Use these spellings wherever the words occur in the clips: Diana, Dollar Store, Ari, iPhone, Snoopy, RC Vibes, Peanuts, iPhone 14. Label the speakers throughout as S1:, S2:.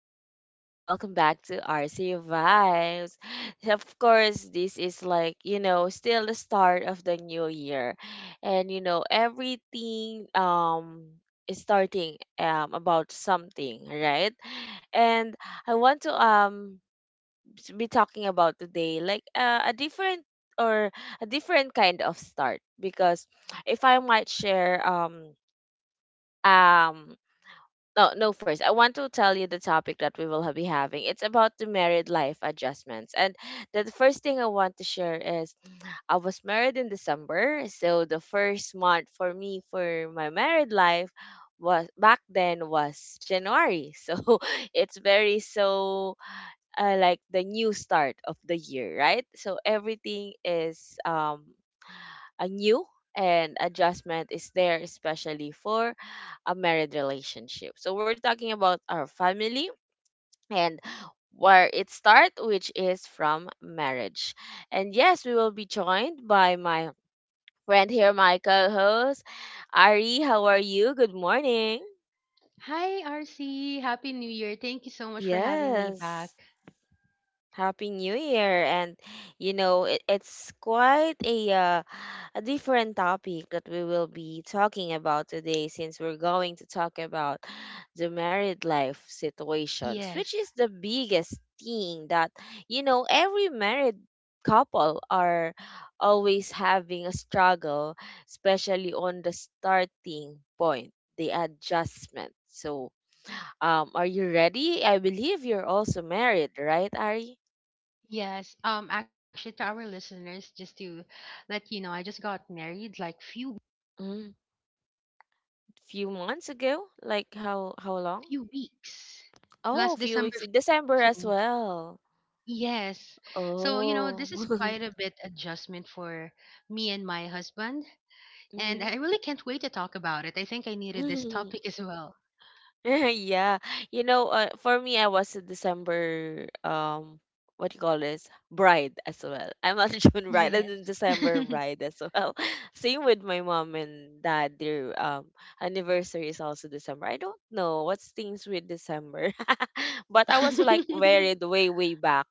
S1: guys, and welcome back to RC Vibes. Of course, this is like, still the start of the new year, and everything is starting about something, right? And I want to be talking about today, like, a different or kind of start, because if I might share um no, no, first, I want to tell you the topic that we will be having. It's about the married life adjustments. And the first thing I want to share is I was married in December. So the first month for me, for my married life, was back then, was January. So, it's very so like the new start of the year, right? So everything is a new, and adjustment is there, especially for a married relationship. So we're talking about our family, and where it start, which is from marriage. And yes, we will be joined by my friend here, my co-host, Ari. How are you? Good morning.
S2: Hi, RC. Happy New Year. Thank you so much for having me back.
S1: Yes. Happy New Year. And it's quite a different topic that we will be talking about today, since we're going to talk about the married life situations,
S2: Yes.
S1: which is the biggest thing that every married couple are always having a struggle, especially on the starting point, the adjustment. So, are you ready? I believe you're also married, right, Ari?
S2: Yes. Actually to our listeners just to let you know I just got married like few
S1: Mm, few months ago? Like how long?
S2: few weeks
S1: Oh,
S2: last
S1: few
S2: December
S1: weeks in December as
S2: 14.
S1: well.
S2: Yes. So, you know,
S1: Oh.
S2: this is quite a bit adjustment for me and my husband, and I
S1: Mm.
S2: really can't wait to talk about it. I think I needed this topic as well.
S1: Yeah. You know, for me, I was a December, what you call this? Bride as well. I'm not a June bride, I'm a
S2: Yes.
S1: December bride as well. Same with my mom and dad. Their anniversary is also December. I don't know what's things with December. But I was like married way way back,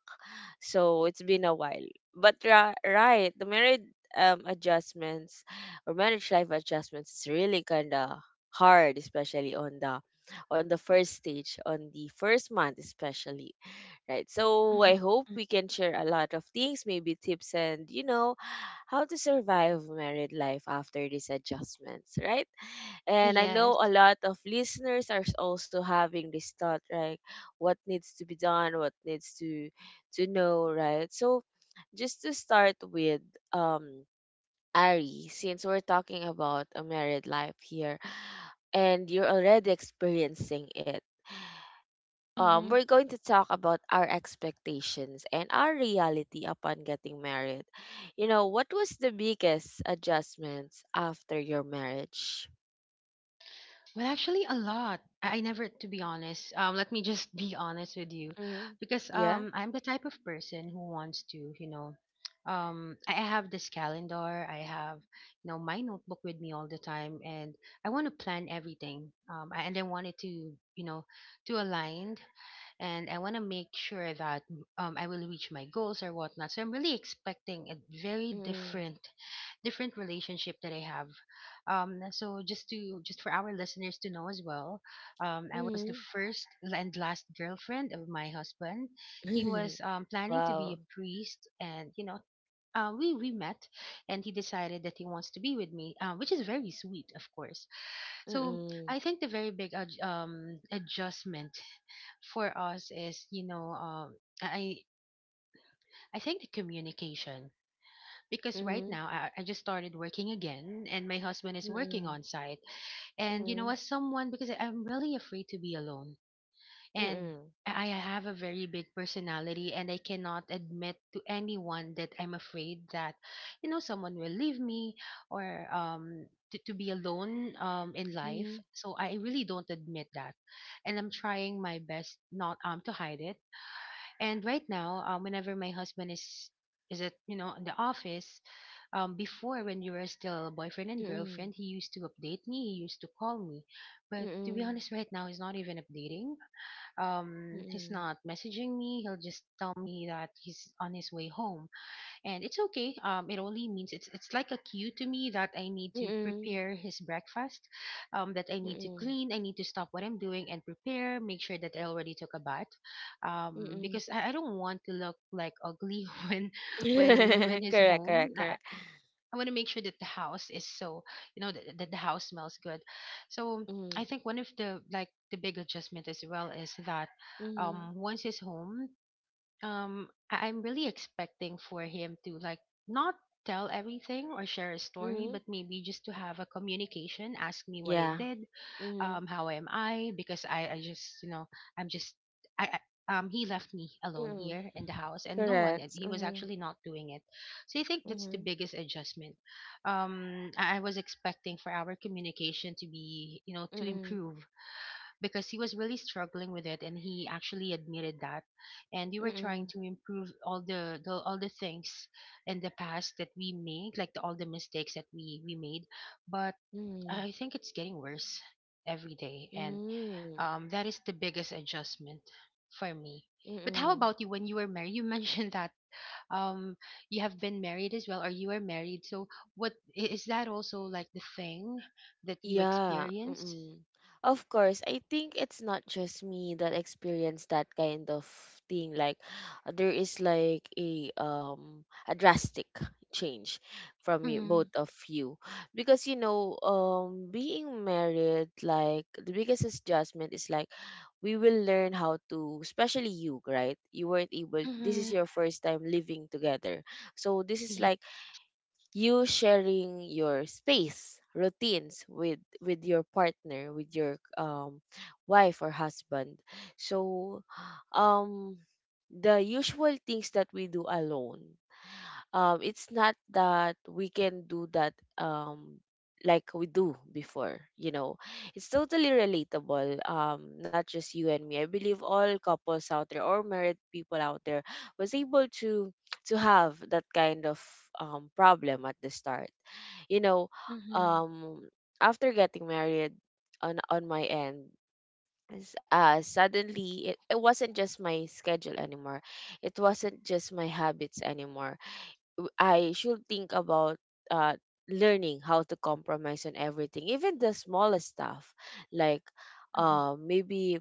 S1: so it's been a while. But right, the married adjustments, or marriage life adjustments, is really kinda hard, especially on the first stage, on the first month, especially, right? So
S2: Mhm.
S1: I hope we can share a lot of things, maybe tips and, how to survive married life after these adjustments, right? And I know
S2: Yes.
S1: a lot of listeners are also having this thought, right? What needs to be done, what needs to know, right? So just to start with, um Ari, since we're talking about a married life here, and you're already experiencing it, we're going to talk about our expectations and our reality upon getting married. You know, what was the biggest adjustments after your marriage?
S2: Well, actually, a lot. I never, to be honest. Let me just be honest with you,
S1: Mm-hmm.
S2: because
S1: Yeah.
S2: I'm the type of person who wants to. I have this calendar. I have my notebook with me all the time, and I want to plan everything. And I want it to aligned, and I want to make sure that I will reach my goals or whatnot. So I'm really expecting a very
S1: Mm-hmm.
S2: different relationship that I have. So just to just for our listeners to know as well, I was the first and last girlfriend of my husband. He
S1: Mm-hmm.
S2: was planning to be
S1: Wow.
S2: a priest, and. We met, and he decided that he wants to be with me, which is very sweet, of course. So
S1: Mm-hmm.
S2: I think the very big adjustment for us is, I I think, the communication, because right
S1: Mm-hmm.
S2: now I just started working again, and my husband is working
S1: Mm-hmm.
S2: on site, and as someone, because I'm really afraid to be alone, and
S1: Mm-hmm.
S2: I have a very big personality, and I cannot admit to anyone that I'm afraid that someone will leave me, or to be alone in life,
S1: Mm-hmm.
S2: so I really don't admit that, and I'm trying my best not to hide it. And right now whenever my husband is at in the office, before, when you were still boyfriend and
S1: Mm-hmm.
S2: girlfriend, he used to update me, he used to call me. But to be
S1: Mm-hmm.
S2: honest, right now he's not even updating. He's
S1: Mm-hmm.
S2: not messaging me. He'll just tell me that he's on his way home, and it's okay. It only means it's like a cue to me that I need to
S1: Mm-hmm.
S2: prepare his breakfast, that I need to
S1: Mm-hmm.
S2: clean, I need to stop what I'm doing and prepare, make sure that I already took a bath,
S1: Mm-hmm.
S2: because I don't want to look like ugly when when he's
S1: Correct,
S2: home.
S1: correct,
S2: I,
S1: correct.
S2: I want to make sure that the house is so, you know, that, that the house smells good. So I
S1: Mm-hmm.
S2: think one of the big adjustment as well is that
S1: Mm-hmm.
S2: um once he's home, I'm really expecting for him to like not tell everything or share a story,
S1: Mm-hmm.
S2: but maybe just to have a communication, ask me what I
S1: Yeah.
S2: did, how am I, because I just you know I'm just I he left me alone
S1: Mm-hmm.
S2: here in the house and no one, and
S1: Correct.
S2: he was
S1: Mhm.
S2: actually not doing it. So I think that's the
S1: Mhm.
S2: biggest adjustment. I was expecting for our communication to be to
S1: Mm.
S2: improve, because he was really struggling with it, and he actually admitted that, and we were trying
S1: Mm.
S2: to improve all the things in the past that we made, like all the mistakes that we made. But
S1: Mm.
S2: I think it's getting worse every day, and
S1: Mm.
S2: that is the biggest adjustment for me.
S1: Mm.
S2: But how
S1: Mm.
S2: about you when you were married? You mentioned that um, you have been married as well, or you were married. So, what is that also like the thing that you
S1: Yeah,
S2: experience?
S1: mm. Of course, I think it's not just me that experienced that kind of thing. Like, there is like a drastic change from you,
S2: Mm-hmm.
S1: both of you. Because being married, like the biggest adjustment is like we will learn how to, especially you, right? You weren't able, this is
S2: Mm-hmm.
S1: your first time living together. So this is
S2: Yeah.
S1: like you sharing your space routines with your partner, with your wife or husband. So, um the usual things that we do alone, it's not that we can do that, like we do before, it's totally relatable, not just you and me. I believe all couples out there, or married people out there, was able to have that kind of, problem at the start, you know
S2: Mm-hmm.
S1: um after getting married. On my end, suddenly it wasn't just my schedule anymore, it wasn't just my habits anymore. I should think about, uh, learning how to compromise on everything, even the smallest stuff, like,
S2: Mm-hmm.
S1: maybe,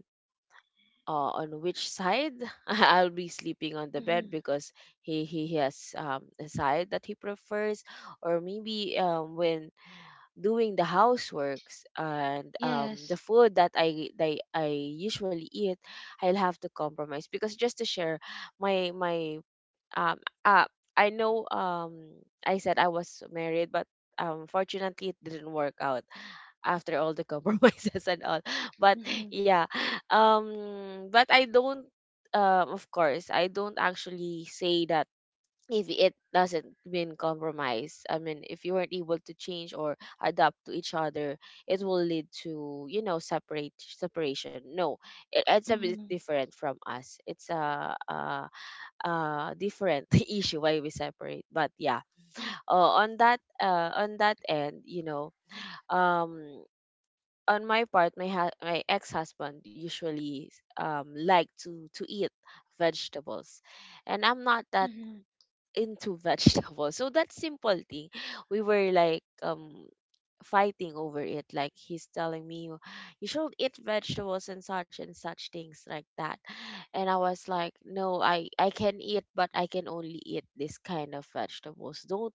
S1: on which side I'll be sleeping on the bed,
S2: Mm-hmm.
S1: because he has, a side that he prefers, or maybe, when doing the houseworks, and,
S2: Yes.
S1: the food that I usually eat, I'll have to compromise. Because, just to share my, um uh I know, I said I was married, but, fortunately it didn't work out after all the compromises and all. But
S2: Mm-hmm.
S1: yeah, but I don't, of course, I don't actually say that, if it doesn't mean compromise. I mean, if you weren't able to change or adapt to each other, it will lead to, separate separation, no. It's a bit
S2: Mm-hmm.
S1: different from us. It's a different issue why we separate, but yeah. On that end, you know. um on my part, my ex-husband usually, like to eat vegetables, and I'm not that
S2: Mm-hmm.
S1: into vegetables, so that simple thing, we were like, fighting over it. Like, he's telling me, you should eat vegetables and such things like that. And I was like, no, I can eat, but I can only eat this kind of vegetables. Don't,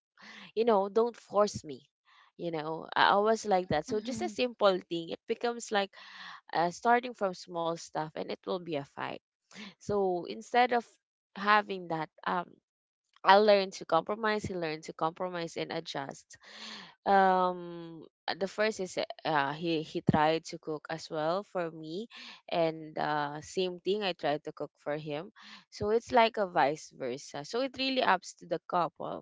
S1: you know, don't force me. You know, I was like that.
S2: Mm-hmm.
S1: So, just a simple thing, it becomes like, starting from small stuff, and it will be a fight. So, instead of having that, I learned to compromise, he learned to compromise and adjust. The first is, he tried to cook as well for me, and, same thing, I tried to cook for him. So it's like a vice versa, so it really ups to the couple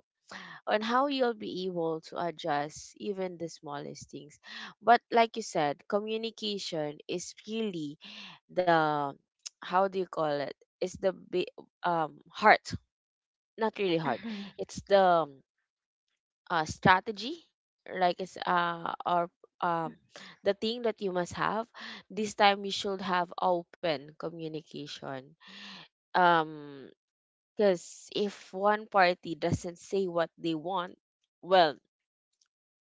S1: on how you'll be able to adjust even the smallest things. But like you said, communication is really the, how do you call it, it's the, heart, not really heart,
S2: Mm-hmm.
S1: it's the, um, strategy, like, it's, or um the thing that you must have. This time you should have open communication, um because if one party doesn't say what they want, well,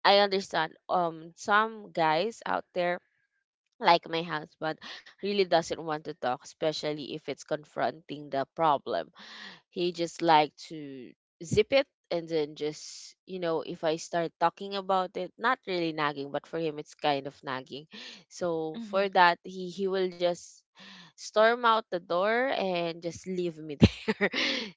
S1: I understand, some guys out there, like my husband, really doesn't want to talk, especially if it's confronting the problem. He just like to zip it, and then just, you know, if I start talking about it, not really nagging, but for him it's kind of nagging. So,
S2: Mm-hmm.
S1: for that, he will just storm out the door and just leave me there.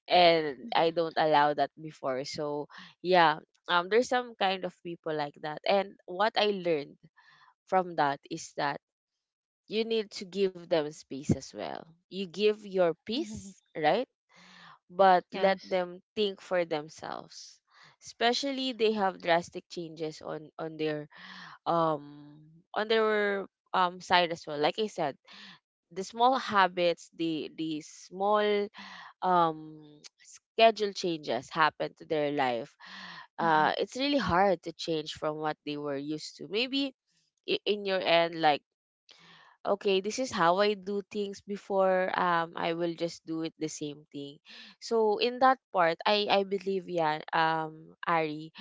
S1: And I don't allow that before. So yeah, there's some kind of people like that. And what I learned from that is that you need to give them space as well. You give your
S2: Mm-hmm.
S1: peace, right? But let
S2: Yes.
S1: them think for themselves, especially they have drastic changes um on their side as well. Like I said, the small habits, the small, um schedule changes happen to their life.
S2: Mm-hmm.
S1: It's really hard to change from what they were used to, maybe, in your end, like, okay, this is how I do things before, I will just do it the same thing. So, in that part, I believe, yeah, Ari,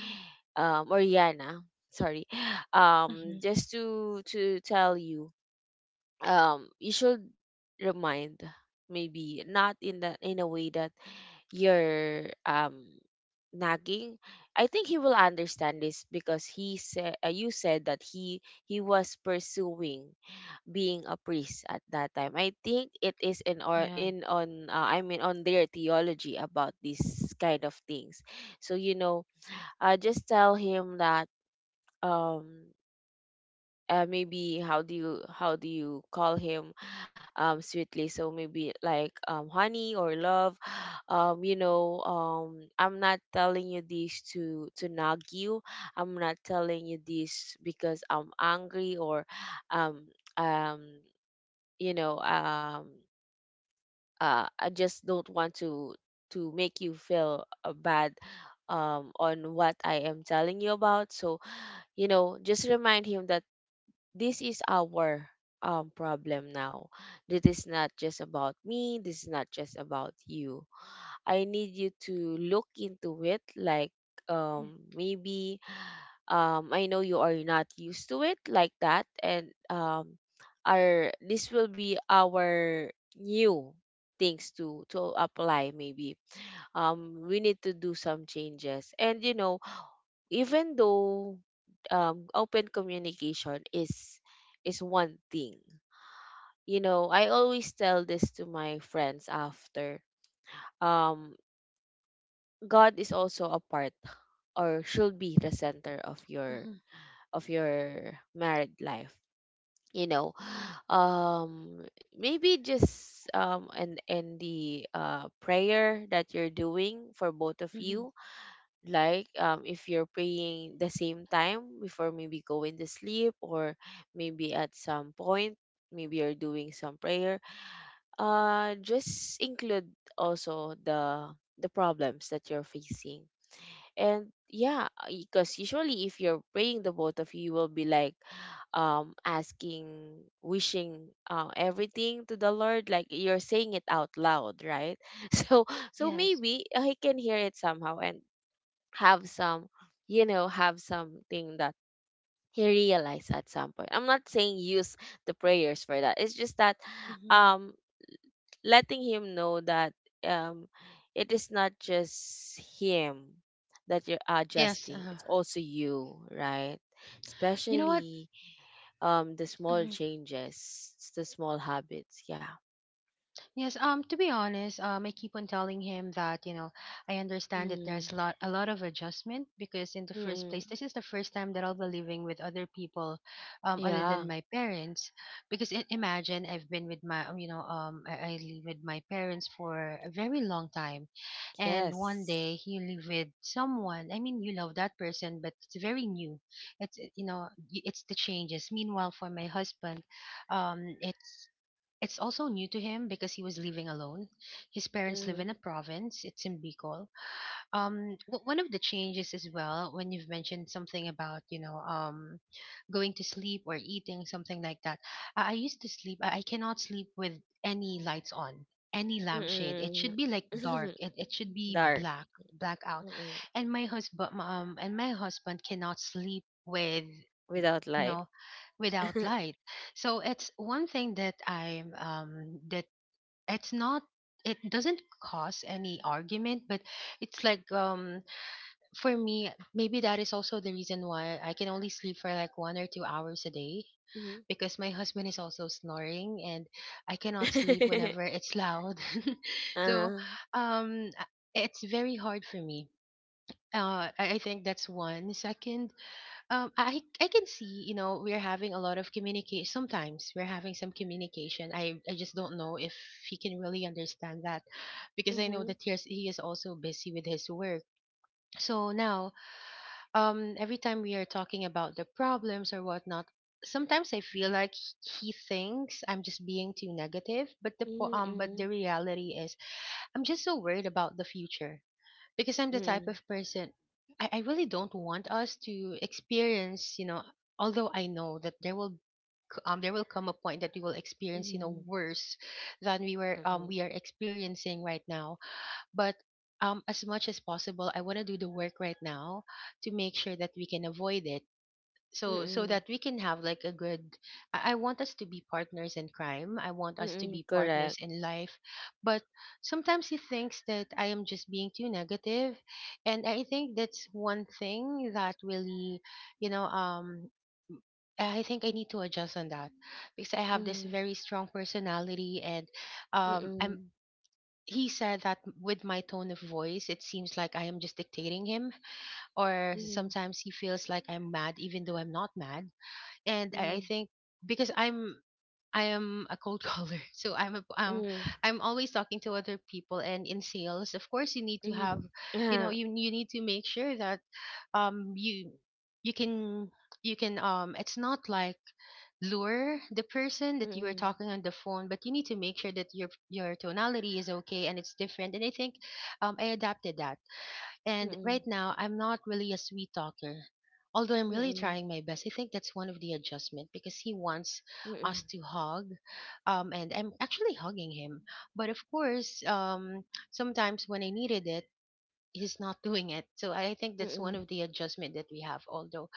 S1: or Yana, sorry.
S2: Mm-hmm.
S1: Just to tell you, you should remind, maybe not in the, in a way that you're, nagging. I think he will understand this, because he said, you said that he was pursuing being a priest at that time. I think it is, in or
S2: Yeah.
S1: in on I mean, on their theology about these kind of things. So, you know, just tell him that, um maybe, how do you call him, sweetly? So maybe like, honey or love. I'm not telling you this to nag you. I'm not telling you this because I'm angry, or, um um you know um I just don't want to make you feel, bad, on what I am telling you about. So, just remind him that this is our, problem now. This is not just about me. This is not just about you. I need you to look into it. Like, maybe, I know you are not used to it like that, and, our this will be our new things to apply. Maybe, we need to do some changes. And you know, even though, open communication is one thing. You know, I always tell this to my friends after. Um, God is also a part, or should be the center of your married life, you know um maybe just and the prayer that you're doing for both of
S2: Mm-hmm.
S1: you. Like, if you're praying the same time before maybe going to sleep, or maybe at some point, maybe you're doing some prayer, just include also the problems that you're facing. And yeah, because usually if you're praying, the both of you will be like asking, wishing, everything to the Lord, like you're saying it out loud, right? So
S2: Yes.
S1: maybe he can hear it somehow and have some you know have something that he realized at some point. I'm not saying use the prayers for that, it's just that
S2: Hmm.
S1: um letting him know that um, it is not just him that you're
S2: Yes.
S1: adjusting, it's also you, right?
S2: You know what?
S1: Especially the small
S2: Hmm.
S1: changes, it's the small habits, yeah.
S2: Yes. To be honest, I keep on telling him that I understand that there's
S1: Mm,
S2: lot a lot of adjustment, because in the first place,
S1: mm-mm.
S2: this is the first time that I'll be living with other people, other than
S1: Yeah,
S2: my parents. Because I imagine I've been with my, I live with my parents for a very long time, and one
S1: yes,
S2: day you live with someone. I mean, you love that person, but it's very new. It's you know, y- it's the changes. Meanwhile, for my husband, um, it's it's also new to him, because he was living alone. His parents live in a
S1: mm-hmm.
S2: province. It's in Bicol. One of the changes as well, when you've mentioned something about going to sleep or eating something like that. I used to sleep. I cannot sleep with any lights on, any lampshade. It
S1: Mm-mm.
S2: should be like dark. It should be
S1: Dark.
S2: black, blackout.
S1: Mm-mm.
S2: And my husband cannot sleep
S1: Without
S2: you
S1: light.
S2: know without light. So it's one thing that I that it's not, it doesn't cause any argument, but it's like for me maybe that is also the reason why I can only sleep for like 1 or 2 hours a day,
S1: Mhm.
S2: because my husband is also snoring, and I cannot sleep whenever it's loud. So
S1: uh,
S2: um uh, it's very hard for me. I think that's one. Second. I can see we're having a lot of communication. Sometimes we're having some communication. I just don't know if he can really understand that, because I know
S1: mhm.
S2: that he is also busy with his work. So now, every time we are talking about the problems or whatnot, sometimes I feel like he thinks I'm just being too negative. But
S1: Mhm,
S2: the
S1: mhm,
S2: reality is, I'm just so worried about the future, because I'm the type
S1: mhm,
S2: of person. I really don't want us to experience, although I know that there will come a point that we will experience
S1: mhm,
S2: worse than we were um
S1: mhm,
S2: we are experiencing right now. But as much as possible, I want to do the work right now to make sure that we can avoid it, so
S1: mhm.
S2: that we can have like a good. I want us to be partners in crime, I want us to
S1: Mm,
S2: be
S1: correct.
S2: partners in life, but sometimes he thinks that I am just being too negative, and I think that's one thing that really you know um I think I need to adjust on that, because I have this
S1: Mm,
S2: very strong personality, and I'm
S1: mm,
S2: he said that with my tone of voice it seems like I am just dictating him, or
S1: mm,
S2: sometimes he feels like I'm mad even though I'm not mad. And I
S1: mm,
S2: think, because I am a cold caller, so
S1: mm,
S2: I'm always talking to other people. And in sales, of course, you need to have,
S1: mm.
S2: you know,
S1: Ah,
S2: you need to make sure that um you you can it's not like lure the person that you are
S1: mm,
S2: talking on the phone, but you need to make sure that your tonality is okay and it's different. And I think I adapted that. And
S1: mm,
S2: right now, I'm not really a sweet talker, although I'm really
S1: mm,
S2: trying my best. I think that's one of the adjustment because he wants
S1: mm,
S2: us to hug, and I'm actually hugging him. But of course, sometimes when I needed it, he's not doing it. So I think that's one
S1: mm,
S2: of the adjustment that we have. Although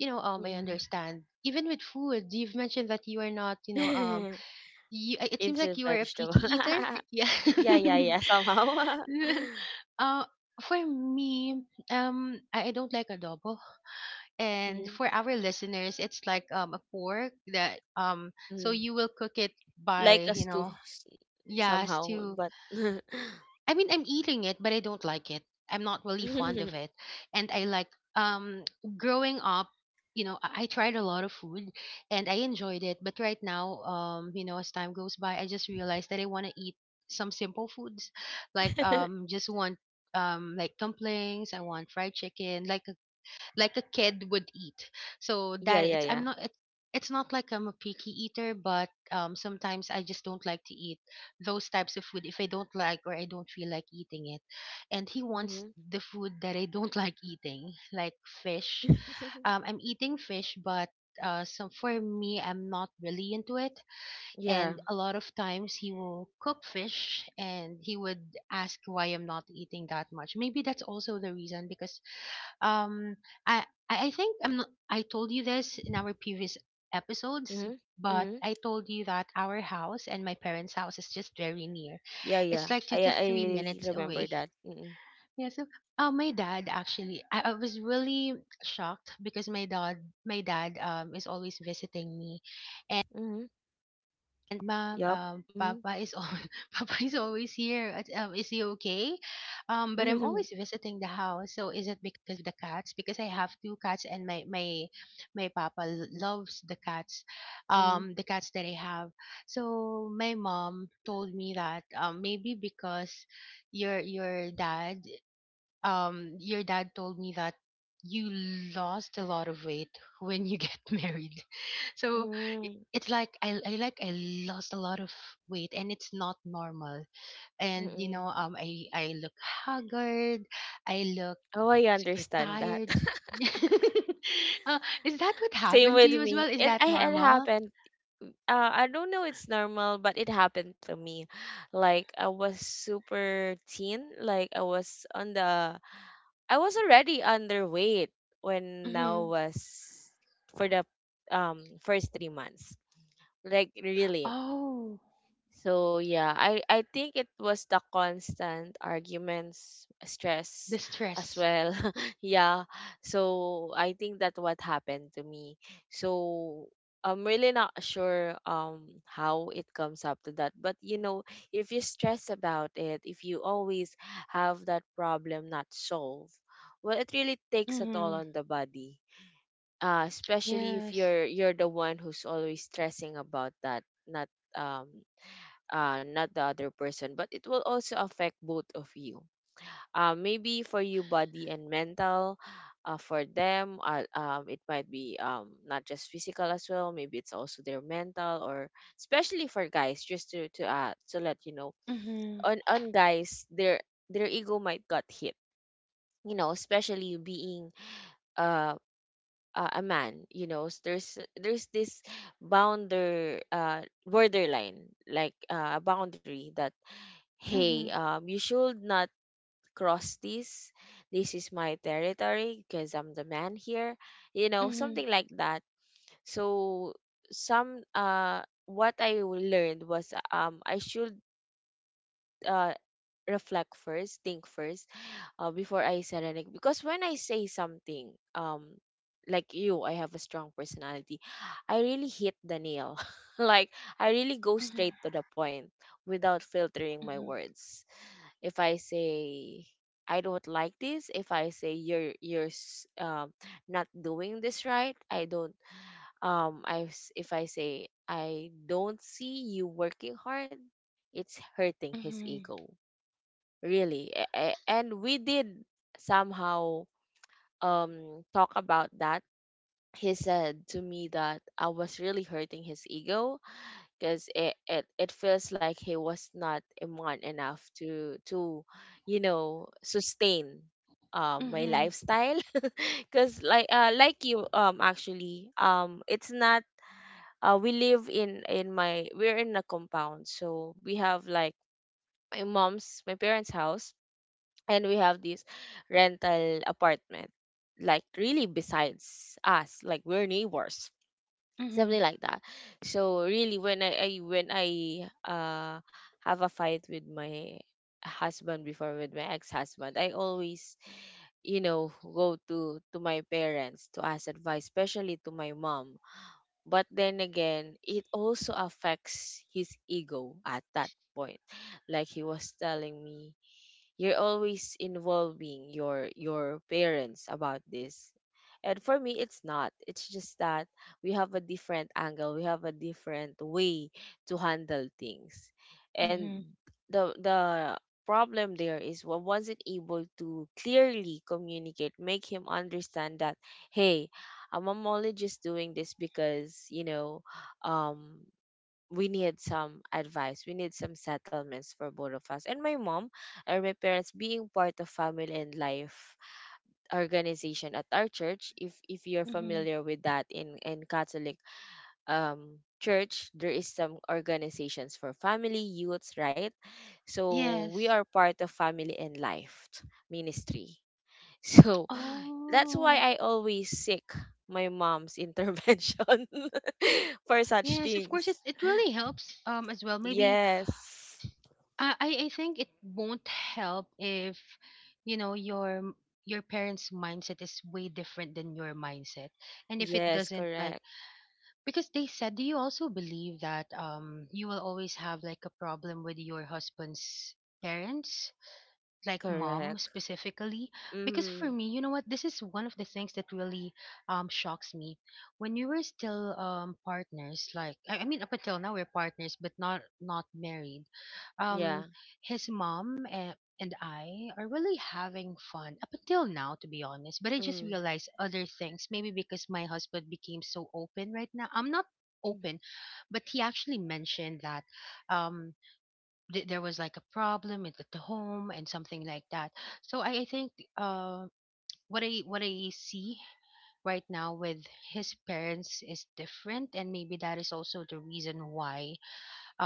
S2: you know,
S1: mm,
S2: um, I
S1: mm.
S2: understand. Even with food, you've mentioned that you are not, you know, um, you, uh, it seems
S1: It's
S2: like
S1: a
S2: you are a
S1: vegetable.
S2: picky eater. Yeah.
S1: Yeah, yeah, yeah, somehow.
S2: uh, for me, I don't like adobo, and
S1: Mm,
S2: for our listeners, it's like a pork that so
S1: mm.
S2: you will cook it
S1: Like
S2: by
S1: us too,
S2: yeah,
S1: somehow,
S2: stew.
S1: but
S2: I mean, I'm eating it, but I don't like it. I'm not really fond of it. And I like um growing up, I tried a lot of food and I enjoyed it, but right now, as time goes by, I just realized that I want to eat some simple foods, like just want like dumplings. I want fried chicken, like a kid would eat. So
S1: yeah,
S2: that
S1: yeah,
S2: it's I'm
S1: yeah.
S2: not it's it's not like I'm a picky eater, but sometimes I just don't like to eat those types of food if I don't like or I don't feel like eating it. And he wants
S1: Mm-hmm.
S2: the food that I don't like eating, like fish. I'm eating fish, but so for me, I'm not really into it.
S1: Yeah.
S2: And a lot of times he will cook fish and he would ask why I'm not eating that much. Maybe that's also the reason because um i I i think I'm not I told you this in our previous episodes.
S1: Mm-hmm.
S2: But
S1: Mm-hmm.
S2: I told you that our house and my parents house is just very near.
S1: Yeah,
S2: It's
S1: yeah.
S2: like
S1: I
S2: two to three
S1: I
S2: minutes
S1: remember
S2: away.
S1: that. Mm-hmm.
S2: Yeah. So my dad actually, I was really shocked because my dad is always visiting me. And mom,
S1: Yup. Mm.
S2: Papa is al Papa is always here. At, is he okay? But I'm always visiting the house. So is it because of the cats? Because I have two cats, and my Papa loves
S1: Mm.
S2: the cats that I have. So my mom told me that maybe because your your dad your dad told me that you lost a lot of weight when you get married. so
S1: Mm.
S2: it's like I lost a lot of weight, and it's not normal. And you
S1: Mm.
S2: know, I look haggard, I look
S1: Oh, I
S2: super
S1: understand that.
S2: tired. uh, is that what
S1: Same
S2: happened to
S1: with
S2: you as well?
S1: me.
S2: Is
S1: It
S2: that
S1: I it
S2: normal?
S1: happened. Mm. I don't know it's normal, but it happened to me. Like, I was super thin. Like, I was already underweight when I
S2: Mm-hmm.
S1: was for the first 3 months. Like, really.
S2: Oh,
S1: So yeah, I think it was the constant arguments, stress
S2: the
S1: as
S2: stress.
S1: well. Yeah. So I think that what happened to me. So I'm really not sure how it comes up to that. But, if you stress about it, if you always have that problem not solved, well, it really takes a
S2: Mm-hmm.
S1: toll on the body. Especially if
S2: Yes.
S1: you're the one who's always stressing about that, not um not the other person, but it will also affect both of you. Maybe for you, body and mental. For them, it might be not just physical as well. Maybe it's also their mental. Or especially for guys, just to to let you know,
S2: Mm-hmm.
S1: on guys, their ego might got hit. You know, especially being uh, a man. You know, there's this bounder borderline, like a boundary that, hey,
S2: Mm-hmm.
S1: you should not cross this. This is my territory because I'm the man here. You know,
S2: Mm-hmm.
S1: something like that. So some what learned was, I should uh reflect first, think first, before I say anything. Because when I say something, like you, I have a strong personality. I really hit the nail. Like, I really go straight to
S2: Mm-hmm.
S1: the point without filtering my words. If I say I don't like this, if I say you're not doing this right, I don't I s- if I say I don't see you working hard, it's hurting his
S2: Mm-hmm.
S1: ego. Really. And we did somehow talk about that. He said to me that I was really hurting his ego because it feels like he was not a man enough to sustain my
S2: Mhm.
S1: lifestyle. Because like, like you, actually, it's not, we live in my we're in a compound, so we have like my parents house, and we have this rental apartment, like really besides us, like we're neighbors,
S2: Mhm.
S1: something like that. So really, when I have a fight with my husband before, with my ex-husband, I always, go to my parents to ask advice, especially to my mom. But then again, it also affects his ego at that point. Like, he was telling me, you're always involving your parents about this. And for me, it's not, it's just that we have a different angle, we have a different way to handle things. And
S2: Mhm.
S1: the problem there is, I wasn't able to clearly communicate, make him understand that, hey, I'm only just doing this because, um we need some advice. We need some settlements for both of us. And my mom, or my parents, being part of Family and Life organization at our church, if you're
S2: Mhm.
S1: familiar with that, in, Catholic church, there is some organizations for family, youths, right? So we
S2: Yes.
S1: are part of Family and Life ministry. So that's why
S2: Oh.
S1: I always seek my mom's intervention for such
S2: Yes, of course it
S1: things.
S2: it really helps as well. Maybe
S1: Yes.
S2: I I think it won't help if you know your parents' mindset is way different than your mindset. And if it
S1: Yes,
S2: doesn't like,
S1: correct.
S2: because they said, do you also believe that you will always have like a problem with your husband's parents? Like mom
S1: Correct.
S2: specifically. Because
S1: Mm-hmm.
S2: for me, you know what, this is one of the things that really shocks me when we were still partners. Like I mean up until now we're partners but not married.
S1: Yeah.
S2: um his mom and I are really having fun up until now, to be honest. But I just
S1: Mm.
S2: realized other things, maybe because my husband became so open right now. I'm not
S1: Mm.
S2: open, but he actually mentioned that. Um, there was like a problem at the home and something like that. So I think, uh, what I, what I see right now with his parents is different, and maybe that is also the reason why,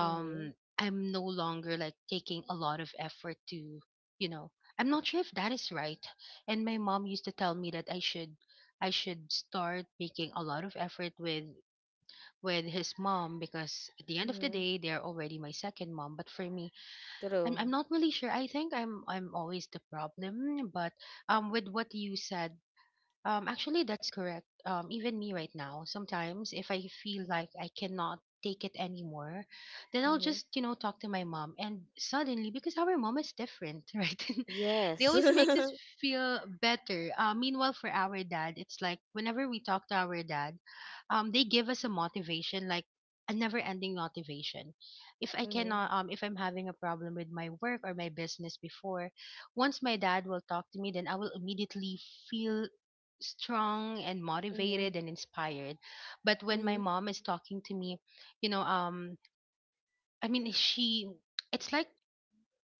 S1: Mm-hmm.
S2: I'm no longer like taking a lot of effort to, you know, I'm not sure if that is right. And my mom used to tell me that I should, I should start making a lot of effort with his mom, because at the end of the
S1: Mm-hmm.
S2: day they're already my second mom. But for me, I'm,
S1: True.
S2: I'm not really sure. I think I'm always the problem. But with what you said, actually, that's correct. Even me right now, sometimes if I feel like I cannot take it anymore, then I'll
S1: Mm-hmm.
S2: just, you know, talk to my mom. And suddenly, because our mom is different, right? They
S1: Yes.
S2: always makes
S1: Mm-hmm.
S2: us feel better. Meanwhile, for our dad, it's like whenever we talk to our dad, they give us a motivation, like a never-ending motivation. If I cannot, if I'm having a problem with my work or my business before, once my dad will talk to me, then I will immediately feel strong and
S1: Mm-hmm.
S2: motivated and inspired. But when my
S1: Mm-hmm.
S2: mom is talking to me, you know, I mean, she, it's like,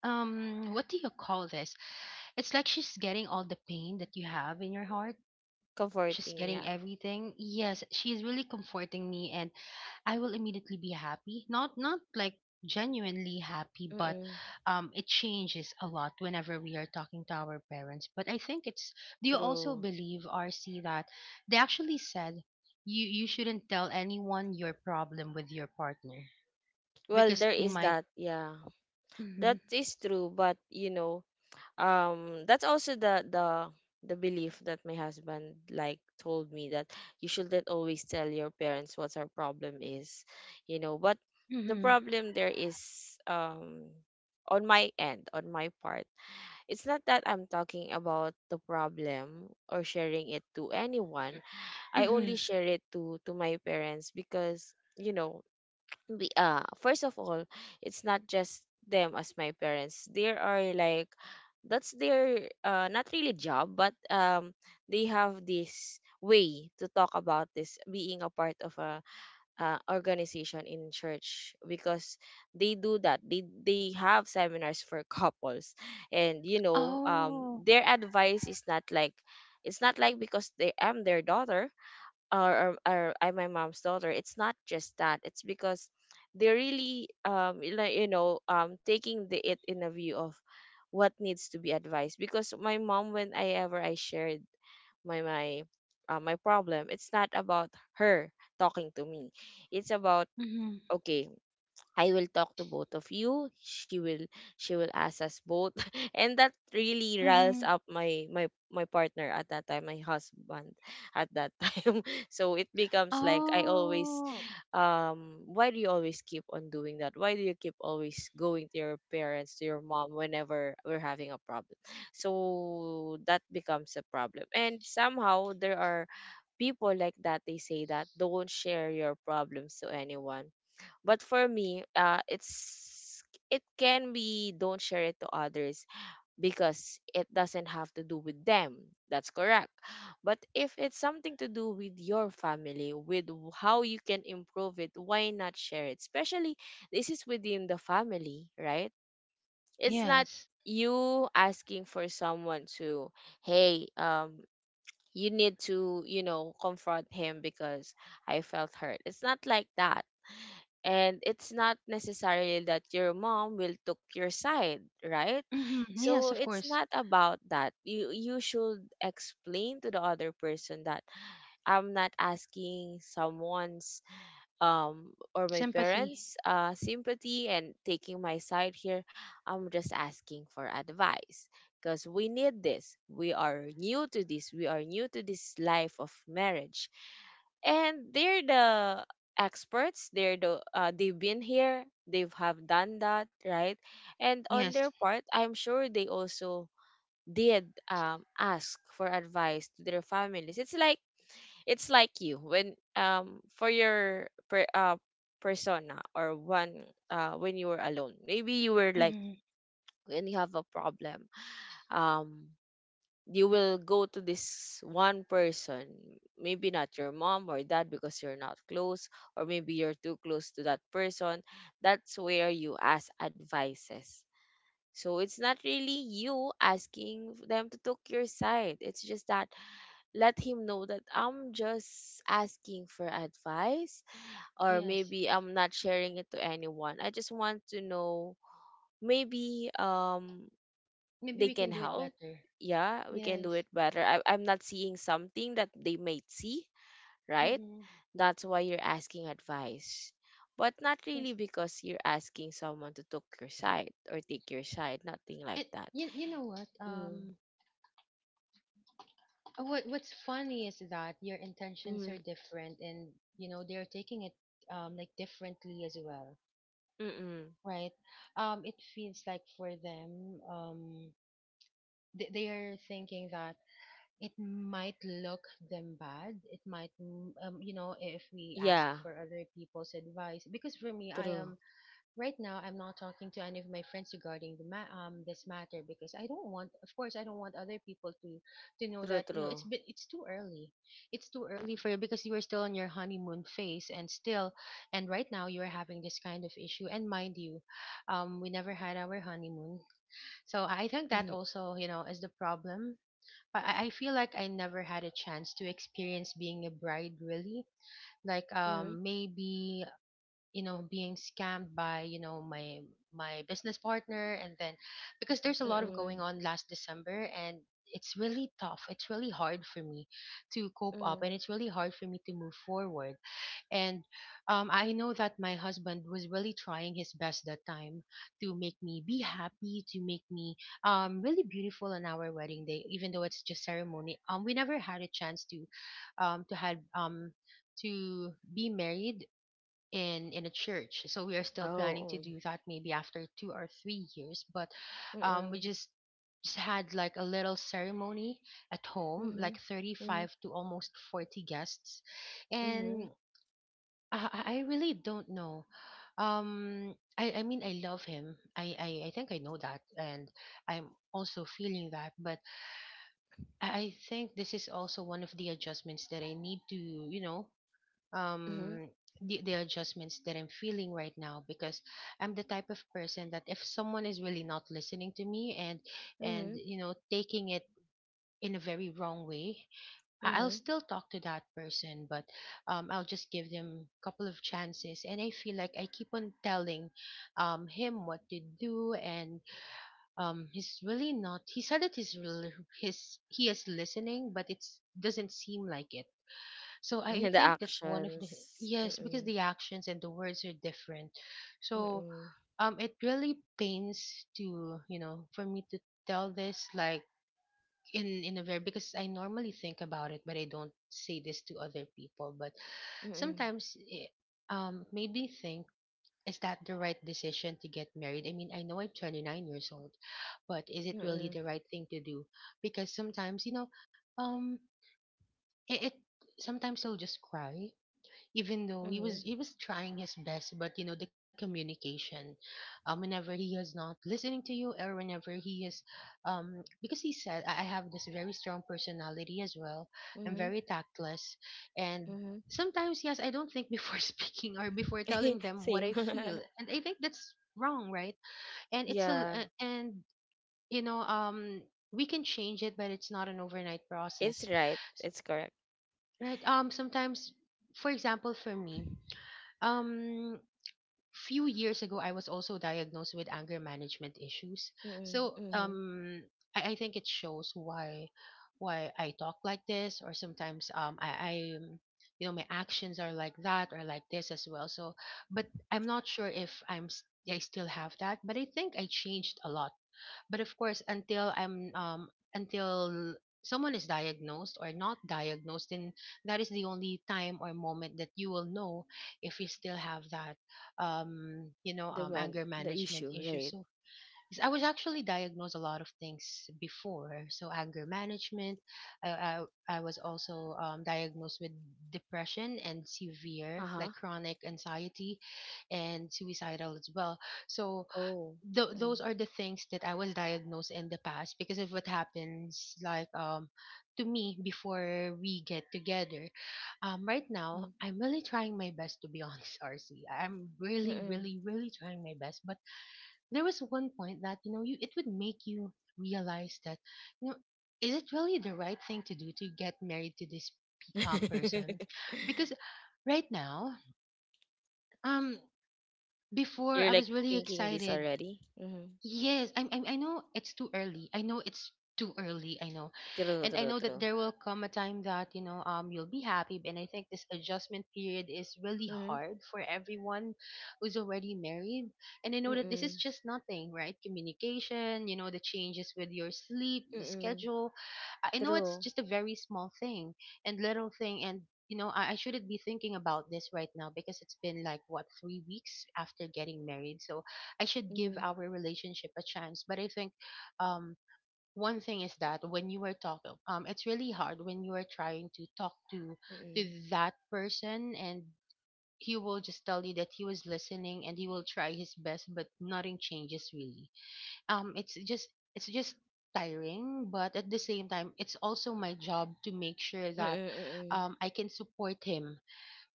S2: what do you call this, it's like she's getting all the pain that you have in your heart. She's
S1: Comforting,
S2: getting
S1: yeah.
S2: everything. Yes, she's really comforting me, and I will immediately be happy. Not like genuinely happy, but
S1: Mm-mm.
S2: it changes a lot whenever we are talking to our parents. But I think it's, do you also
S1: True.
S2: believe, RC, that they actually said you shouldn't tell anyone your problem with your partner
S1: Well,
S2: because
S1: there
S2: they
S1: is
S2: might.
S1: that, yeah.
S2: Mm-hmm,
S1: That is true. But, that's also the belief that my husband like told me that, you shouldn't always tell your parents what our problem is. But the
S2: mm-hmm,
S1: problem there is, on my end, on my part, it's not that I'm talking about the problem or sharing it to anyone. I
S2: mm-hmm.
S1: only share it to my parents because, you know be first of all, it's not just them as my parents, there are like, that's their, not really job, but they have this way to talk about this, being a part of a, organization in church. Because they do that, they have seminars for couples. And,
S2: Oh.
S1: their advice is not like, it's not like because they am their daughter, or I'm my mom's daughter. It's not just that. It's because they're really, taking the it in a view of what needs to be advised. Because my mom, when I ever I shared my my my problem, it's not about her talking to me. It's about,
S2: Mm-hmm,
S1: okay, I will talk to both of you. She will ask us both. And that really riles
S2: mm-hmm.
S1: up my partner at that time, my husband at that time. So it becomes like, I always
S2: Oh.
S1: why do you always keep on doing that? Why do you keep always going to your parents, to your mom whenever we're having a problem? So that becomes a problem. And somehow there are people like that, they say that, don't share your problems to anyone. But for me, it's, it can be, don't share it to others because it doesn't have to do with them. That's correct. But if it's something to do with your family, with, how you can improve it, why not share it? Especially, this is within the family, right? It's not
S2: Yes.
S1: you asking for someone to, hey, you need to, confront him because I felt hurt. It's not like that. And it's not necessarily that your mom will took your side, right?
S2: Mm-hmm, yes,
S1: So
S2: of
S1: it's
S2: course.
S1: not about that, you should explain to the other person that, I'm not asking someone's, or my
S2: Sympathy.
S1: parents, sympathy and taking my side here. I'm just asking for advice, because we need this. We are new to this life of marriage. And they're the experts, they've been here, they've have done that, right? And on their
S2: Yes.
S1: part, I'm sure they also did, ask for advice to their families. It's like you when, for your, persona, or one, when you were alone. Maybe you were like,
S2: Mm-hmm,
S1: when you have a problem, um you will go to this one person, maybe not your mom or dad because you're not close, or maybe you're too close to that person. That's where you ask advices. So it's not really you asking them to take your side. It's just that, let him know that, I'm just asking for advice. Or
S2: yes.
S1: maybe I'm not sharing it to anyone, I just want to know, maybe
S2: Maybe
S1: they
S2: we
S1: can
S2: can do it
S1: help.
S2: better.
S1: Yeah, we can do
S2: Yes.
S1: it better. I'm not seeing something that they might see, right?
S2: Mm-hmm.
S1: That's why you're asking advice. But not really
S2: Yes.
S1: because you're asking someone to took your side or take your side, nothing like
S2: And,
S1: that.
S2: you know what?
S1: Mm,
S2: What what's funny is that your intentions
S1: mm,
S2: are different, and you know they're taking it like differently as well,
S1: mm, mm.
S2: right? It feels like for them, they are thinking that it might look them bad. It might, you know, if we ask
S1: Yeah,
S2: for other people's advice. Because for me, I
S1: true,
S2: am right now, I'm not talking to any of my friends regarding this matter, because I don't want, of course I don't want other people to know
S1: true,
S2: that, you know, it's
S1: true.
S2: been, it's too early. It's too early for you because you are still on your honeymoon phase and still, and right now you are having this kind of issue, and mind you, we never had our honeymoon. So I think that also, you know, is the problem. I feel like I never had a chance to experience being a bride really. Like maybe, you know, being scammed by, you know, my business partner, and then because there's a lot of
S1: Mm,
S2: going on last December. And it's really tough, it's really hard for me to cope up,
S1: mm.
S2: and it's really hard for me to move forward. And I know that my husband was really trying his best that time to make me be happy, to make me really beautiful on our wedding day, even though it's just ceremony. We never had a chance to, to have, to be married in a church. So we are still planning to
S1: Oh,
S2: do that maybe after 2 or 3 years. But we
S1: mm.
S2: just had like a little ceremony at home,
S1: Mm.
S2: like
S1: Mhm.
S2: 35 to almost 40 guests.
S1: Mhm.
S2: And I really don't know. I mean, I love him. I think I know that, and I'm also feeling that. But I think this is also one of the adjustments that I need to, you know,
S1: Mhm.
S2: um the adjustments that I'm feeling right now, because I'm the type of person that if someone is really not listening to me, and
S1: Mhm.
S2: you know, taking it in a very wrong way,
S1: Mhm.
S2: I'll
S1: Mhm.
S2: still talk to that person, but I'll just give them a couple of chances. And I feel like I keep on telling him what to do. And he's really not, he said that he's really, his he is listening, but it doesn't seem like it. So
S1: Yeah,
S2: I
S1: the
S2: think that's one of the,
S1: actions.
S2: yes,
S1: Mm-mm.
S2: because the actions and the words are different. So
S1: Mm-mm.
S2: it really pains to, you know, for me to tell this, like, in a very, because I normally think about it but I don't say this to other people. But
S1: Mm-mm.
S2: sometimes it, it made me think, is that the right decision to get married? I mean, I know I'm 29 years old, but is it really
S1: Mm-mm.
S2: the right thing to do? Because sometimes, you know, um it sometimes I'll just cry, even though he
S1: Mhm.
S2: was, he was trying his best. But you know, the communication, whenever he is not listening to you, or whenever he is, because he said I have this very strong personality as well. I'm
S1: Mhm.
S2: very tactless. And
S1: Mhm.
S2: sometimes, yes, I don't think before speaking or before telling them what
S1: Same.
S2: I feel, and I think that's wrong, right? And it's
S1: Yeah,
S2: and you know, we can change it, but it's not an overnight
S1: it's
S2: process.
S1: right.
S2: S-
S1: It's correct.
S2: right, sometimes, for example, for me, um few years ago, I was also diagnosed with anger management issues.
S1: Mm-mm.
S2: So
S1: Mm-hmm.
S2: I think it shows why, I talk like this, or sometimes I you know, my actions are like that or like this as well. So but I'm not sure if I still have that, but I think I changed a lot. But of course, until I'm, until someone is diagnosed or not diagnosed, then that is the only time or moment that you will know if you still have that, you know,
S1: The one,
S2: anger
S1: the
S2: management
S1: issue,
S2: issue.
S1: right?
S2: So yes, I was actually diagnosed a lot of things before. So anger management. I was also, diagnosed with depression and severe like
S1: Uh-huh.
S2: chronic anxiety and suicidal as well. So
S1: Oh.
S2: those
S1: Mm-mm.
S2: are the things that I was diagnosed in the past because of what happens like to me before we get together. Right now
S1: Mm-mm.
S2: I'm really trying my best to be honest, RC. I'm really,
S1: Mm-mm.
S2: really, really trying my best. But there was one point that, you know, you it would make you realize that, you know, is it really the right thing to do to get married to this person? Because right now, um before
S1: You're
S2: I
S1: like
S2: was really
S1: thinking this
S2: excited.
S1: already? Mm-hmm.
S2: Yes, I know it's too early. I know it's too early. I know,
S1: True,
S2: and I
S1: true,
S2: know that
S1: true.
S2: there will come a time that you'll be happy. And I think this adjustment period is really hard for everyone who's already married. And I know that this is
S1: Mm,
S2: just nothing, right? Communication, the changes with your sleep, the
S1: mm,
S2: schedule. I know it's
S1: true.
S2: just a very small thing and little thing, and I shouldn't be thinking about this right now because it's been like what 3 weeks after getting married. So I should give
S1: Mm,
S2: our relationship a chance. But I think um, one thing is that when you are talking, it's really hard when you are trying to talk to to
S1: mm,
S2: that person, and he will just tell you that he was listening and he will try his best, but nothing changes really. It's just it's just tiring, but at the same time it's also my job to make sure that,
S1: mm,
S2: I can support him.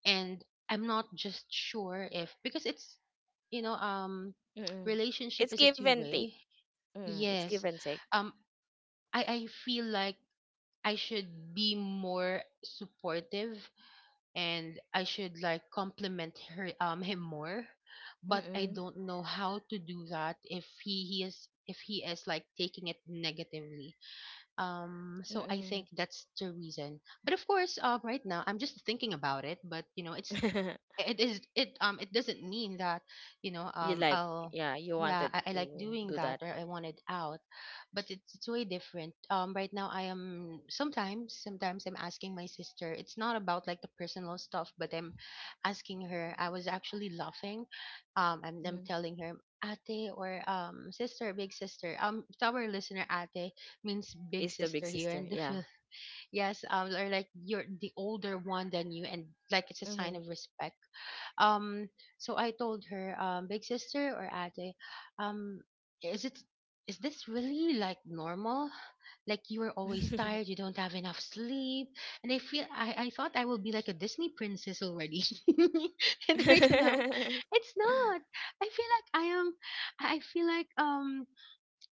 S2: And I'm not just sure if, because it's, you know um
S1: mm, mm.
S2: relationship
S1: It's
S2: is a
S1: give
S2: two
S1: and take.
S2: way.
S1: Mm, it's give
S2: Yes,
S1: and take.
S2: um I feel like I should be more supportive and I should like compliment her him more, but I
S1: Mm,
S2: don't know how to do that if, he, he is if he is like taking it negatively. So I
S1: mm,
S2: think that's the reason, but of course, right now I'm just thinking about it, but you know it's
S1: mm.
S2: it is it it doesn't mean that you know
S1: You like,
S2: I'll
S1: yeah, you
S2: yeah,
S1: wanted
S2: I like
S1: to
S2: doing
S1: do
S2: that,
S1: that.
S2: or I want it out. But it's, way different. Right now, I am sometimes sometimes I'm asking my sister. It's not about like the personal stuff, but I'm asking her. I was actually laughing, and I'm
S1: Mm.
S2: telling her, ate, or sister, big sister, to our listener. Ate means big
S1: Is the big
S2: sister here
S1: sister,
S2: in the
S1: yeah.
S2: film. Yes, or like you're the older one than you, and like it's a sign
S1: Mm.
S2: of respect. Um, so I told her, big sister or ate, um, is it is this really like normal? Like, you are always tired, you don't have enough sleep, and I thought I will be like a Disney princess already, and right now,
S1: Mm,
S2: it's not. I feel like I am. I feel like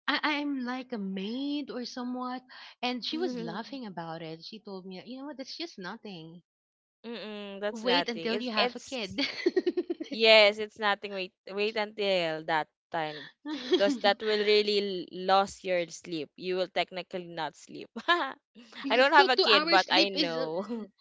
S2: I'm like a maid or somewhat. And she was laughing about it. She told me, you know what, that's just nothing.
S1: mm, that's
S2: Wait
S1: nothing.
S2: until you have a
S1: It's
S2: kid.
S1: Yes, it's nothing. Wait, wait until that time, because that will really lose your sleep. You will technically not sleep. I
S2: Yeah,
S1: don't
S2: so
S1: have a
S2: two
S1: kid,
S2: hours
S1: but I
S2: sleep is,
S1: know.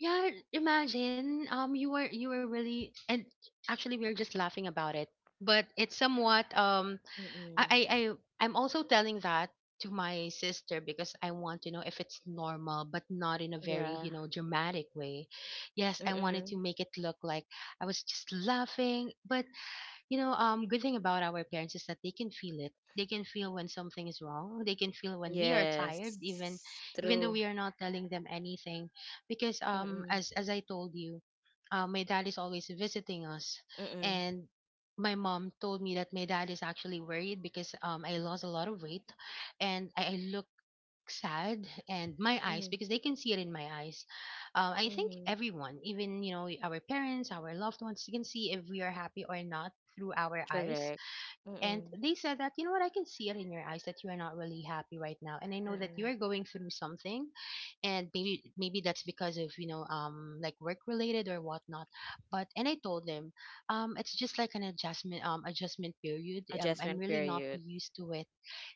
S2: yeah. Imagine, you were really, and actually we were just laughing about it, but it's somewhat,
S1: Mm-mm.
S2: I, I, I I'm also telling that to my sister because I want to know if it's normal, but not in a very,
S1: Yeah.
S2: dramatic way. Yes, I wanted to
S1: Mm-mm.
S2: make it look like I was just laughing, but good thing about our parents is that they can feel it. They can feel when something is wrong. They can feel when we are tired,
S1: Yes.
S2: even though
S1: True.
S2: we are not telling them anything, because
S1: Mm-mm.
S2: as I told you, my dad is always visiting us.
S1: Mm-mm.
S2: And my mom told me that my dad is actually worried because I lost a lot of weight, and I look sad, and my eyes,
S1: Mm-mm.
S2: because they can see it in my eyes. I think
S1: Mm-mm.
S2: everyone, even our parents, our loved ones, can see if we are happy or not through our eyes.
S1: Correct.
S2: And
S1: Mm-mm.
S2: they said that, you know what, I can see it in your eyes that you are not really happy right now. And I know that you
S1: Mm-mm.
S2: are going through something, and maybe that's because of, like, work related or whatnot. But and I told them, it's just like an adjustment period. I'm
S1: Adjustment
S2: really not
S1: period.
S2: used to it.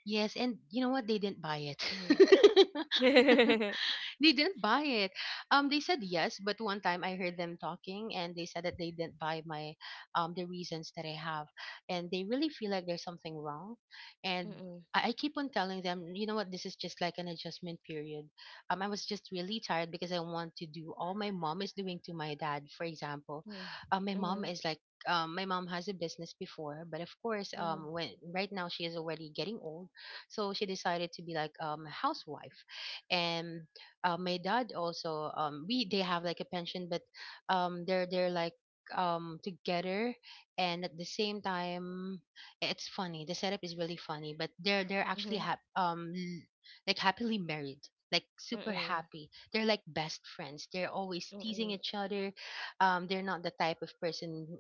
S2: Yes, and you know what, they didn't buy it.
S1: Mm-hmm. Mm-mm.
S2: They didn't buy it. They said yes, but one time I heard them talking, and they said that they didn't buy my the reasons that I have, and they really feel like there's something wrong, and. I keep on telling them, you know what, this is just like an adjustment period. I was just really tired because I want to do all my mom is doing to my dad, for example.
S1: Mm-mm. Mm-mm.
S2: My mom has a business before, but of course,
S1: Mm-mm.
S2: when right now she is already getting old, so she decided to be like a housewife, and my dad also, we they have like a pension, but they're like together, and at the same time, it's funny, the setup is really funny, but they're actually,
S1: Mm-mm.
S2: like, happily married. Like, super
S1: Mm-mm.
S2: happy. They're like best friends. They're always teasing each other. They're not the type of person who-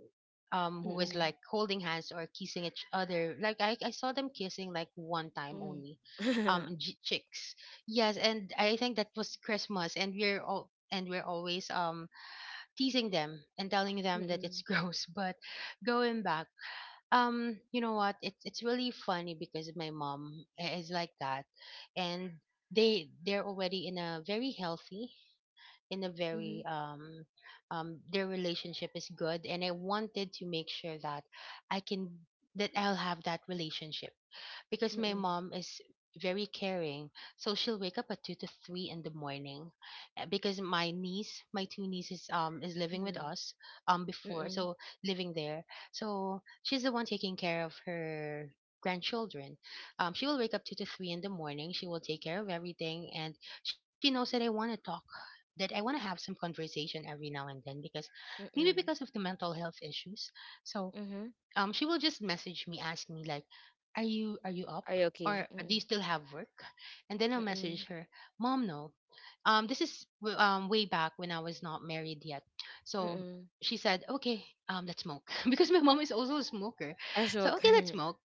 S2: um who is like
S1: Mm-mm.
S2: holding hands or kissing each other. Like, I saw them kissing like one time
S1: Mm.
S2: only.
S1: Mm-mm.
S2: Chicks. Yes, and I think that was Christmas, and we're always teasing them and telling them that it's gross. But going back, you know what? It's really funny because my mom is like that, and they're already in a very healthy, in a
S1: Mhm.
S2: very their relationship is good, and I wanted to make sure that I can that I'll have that relationship, because my
S1: Mm-mm.
S2: mom is very caring. So she'll wake up at 2 to 3 in the morning, because my two nieces, is living with
S1: Mm-mm.
S2: us, before,
S1: Mm-mm.
S2: so living there. So she's the one taking care of her grandchildren. She will wake up 2 to 3 in the morning. She will take care of everything, and she knows that I want to talk. That I want to have some conversation every now and then, because maybe because
S1: Mm-mm.
S2: of the mental health issues. So
S1: Mhm.
S2: she will just message me, ask me like, are you up,
S1: Are you okay?
S2: or do
S1: Mm-mm.
S2: you still have work? And then I'll message
S1: Mm-mm.
S2: her, mom, no. This is way back when I was not married yet, so
S1: Mm-mm.
S2: she said, okay, let's smoke, because my mom is also a smoker.
S1: I
S2: So,
S1: smoke.
S2: okay, let's
S1: Current.
S2: smoke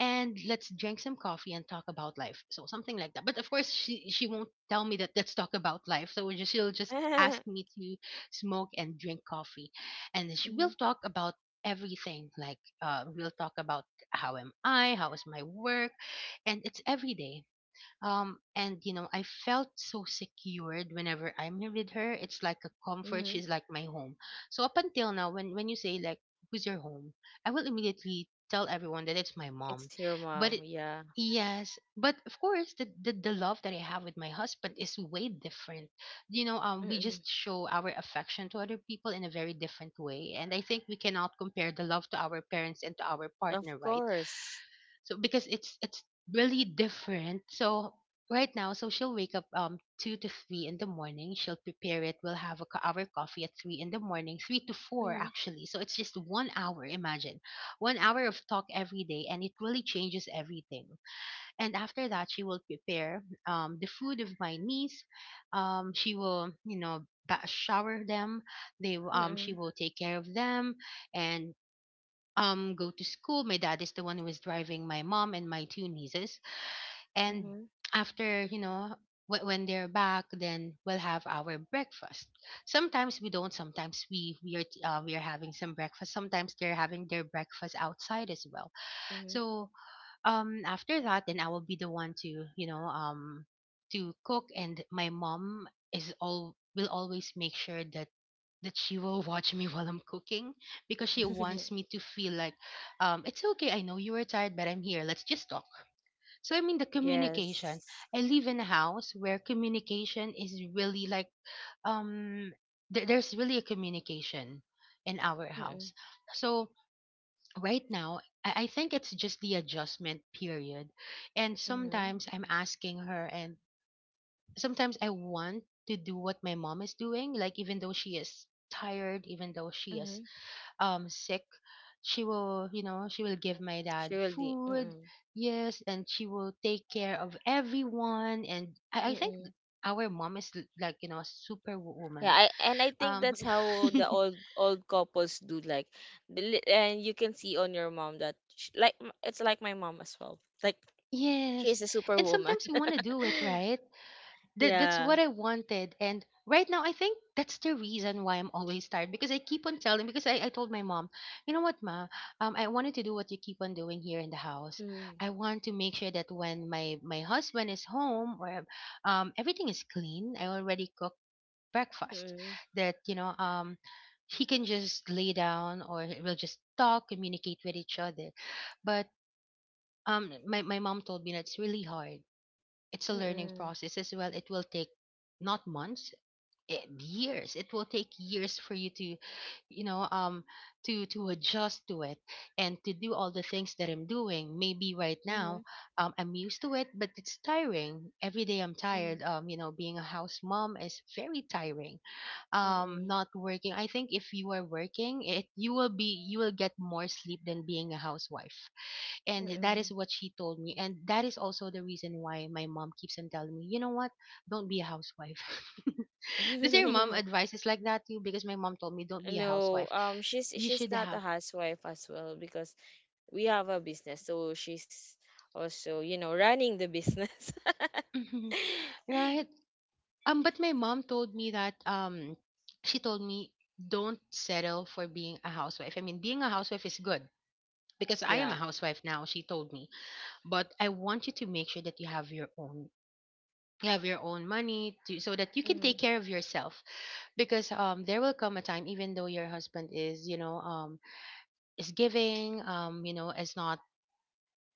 S2: and let's drink some coffee and talk about life. So, something like that. But of course, she won't tell me that, let's talk about life. So she'll just ask me to smoke and drink coffee, and she will
S1: Mm-hmm.
S2: talk about everything. Like, we'll talk about how am I, how is my work, and it's every day. And I felt so secured whenever I'm with her. It's like a comfort.
S1: Mm-hmm.
S2: She's like my home. So up until now, when you say like, "Who's your home?" I will immediately tell everyone that it's my mom.
S1: It's your
S2: But
S1: mom,
S2: it,
S1: yeah.
S2: yes, but of course, the love that I have with my husband is way different. We
S1: Mm-mm.
S2: just show our affection to other people in a very different way, and I think we cannot compare the love to our parents and to our
S1: Of
S2: partner, right?
S1: course.
S2: So, because it's really different. So right now, so she'll wake up 2 to 3 in the morning. She'll prepare it, we'll have our coffee at 3 in the morning, 3 to 4
S1: Mm-hmm.
S2: actually, so it's just 1 hour. Imagine 1 hour of talk every day, and it really changes everything. And after that, she will prepare the food of my niece. She will shower them. She
S1: Mm-mm.
S2: will take care of them, and go to school. My dad is the one who is driving my mom and my two nieces. And
S1: Mm-hmm.
S2: after, you know, when they're back, then we'll have our breakfast. Sometimes we don't. Sometimes we are having some breakfast. Sometimes they're having their breakfast outside as well. So after that, then I will be the one to you know to cook, and my mom is all will always make sure that she will watch me while I'm cooking, because she
S1: Mm-hmm.
S2: wants me to feel like, it's okay. I know you are tired, but I'm here. Let's just talk. So, I mean, the communication.
S1: Yes.
S2: I live in a house where communication is really like, um, there's really a communication in our
S1: Mm-mm.
S2: house. So, right now, I think it's just the adjustment period. And
S1: Mm-hmm.
S2: sometimes I'm asking her, and sometimes I want to do what my mom is doing, like, even though she is tired, even though she is
S1: Mm-hmm.
S2: sick. She will, you know, she will give my
S1: She
S2: dad
S1: will be.
S2: food.
S1: Mm-mm.
S2: Yes, and she will take care of everyone. And I think
S1: Mm-mm.
S2: our mom is like, you know, a
S1: Yeah,
S2: superwoman.
S1: I, and I think
S2: um
S1: that's how the old couples do, like the li- and you can see on your mom that sh like m- it's like my mom as well. Like she's a
S2: yes. And
S1: superwoman.
S2: sometimes we want to do it right. That's
S1: Yeah.
S2: what I wanted. And right now, I think that's the reason why I'm always tired, because I keep on telling, because I told my mom, you know what, ma, I wanted to do what you keep on doing here in the house.
S1: Mm.
S2: I want to make sure that when my husband is home, or everything is clean. I already cooked breakfast.
S1: Mm.
S2: That you know. He can just lay down, or we'll just talk, communicate with each other. But my mom told me that's really hard. It's a learning
S1: Mm.
S2: process as well. It will take not months, eh, years. It will take years for you to, you know, um, to adjust to it, and to do all the things that I'm doing. Maybe right
S1: Mm.
S2: now, I'm used to it, but it's tiring. Every day I'm
S1: Mm.
S2: tired. Being a house mom is very tiring.
S1: Mm.
S2: Not working. I think if you are working, it you will be you will get more sleep than being a housewife. And that
S1: Mm.
S2: is what she told me, and that is also the reason why my mom keeps on telling me, you know what, don't be a housewife. Does your mom
S1: Mm.
S2: advice is like that too? Because my mom told me don't be a
S1: No,
S2: housewife,
S1: she's
S2: you
S1: she's
S2: should
S1: not a
S2: have
S1: housewife as well because we have a business. So she's also, you know, running the business.
S2: Mhm. Right. But my mom told me that she told me don't settle for being a housewife. I mean, being a housewife is good, because I am
S1: Yeah.
S2: a housewife now, she told me. But I want you to make sure that you have your own, you have your own money to, so that you can take care of yourself. Because there will come a time, even though your husband is, you know, is giving, you know, is not,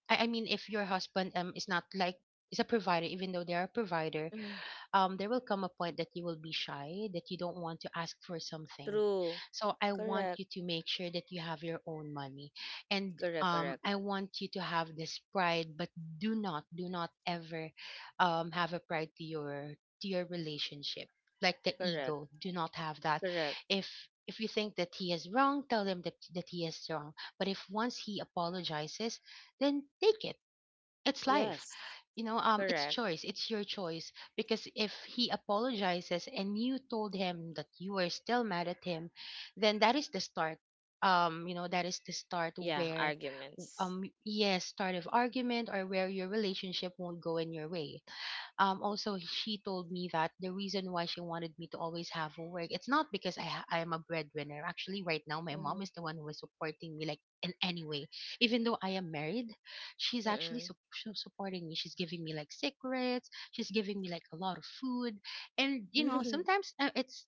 S2: I mean if your husband is not like, is a provider, even though they are a provider,
S1: Hmm.
S2: there will come a point that you will be shy, that you don't want to ask for something.
S1: True.
S2: So I want
S1: Correct.
S2: you to make sure that you have your own money, and
S1: Correct. Correct.
S2: I want you to have this pride. But do not ever have a pride to your relationship, like the
S1: Correct.
S2: ego. Do not have that.
S1: Correct.
S2: If if you think that he is wrong, tell him that, that he is wrong. But if once he apologizes, then take it. It's life.
S1: Yes.
S2: You know, it's
S1: Correct.
S2: choice, it's your choice. Because if he apologizes and you told him that you are still mad at him, then that is the start, you know, that is the start
S1: Yeah.
S2: where
S1: Arguments.
S2: yes, start of argument, or where your relationship won't go in your way. Also, she told me that the reason why she wanted me to always have work, it's not because I am a breadwinner. Actually, right now my mom
S1: Mm-hmm.
S2: is the one who is supporting me, like in any way, even though I am married. She's actually
S1: Mm-mm.
S2: supporting me. She's giving me like secrets, she's giving me like a lot of food. And you know, sometimes it's,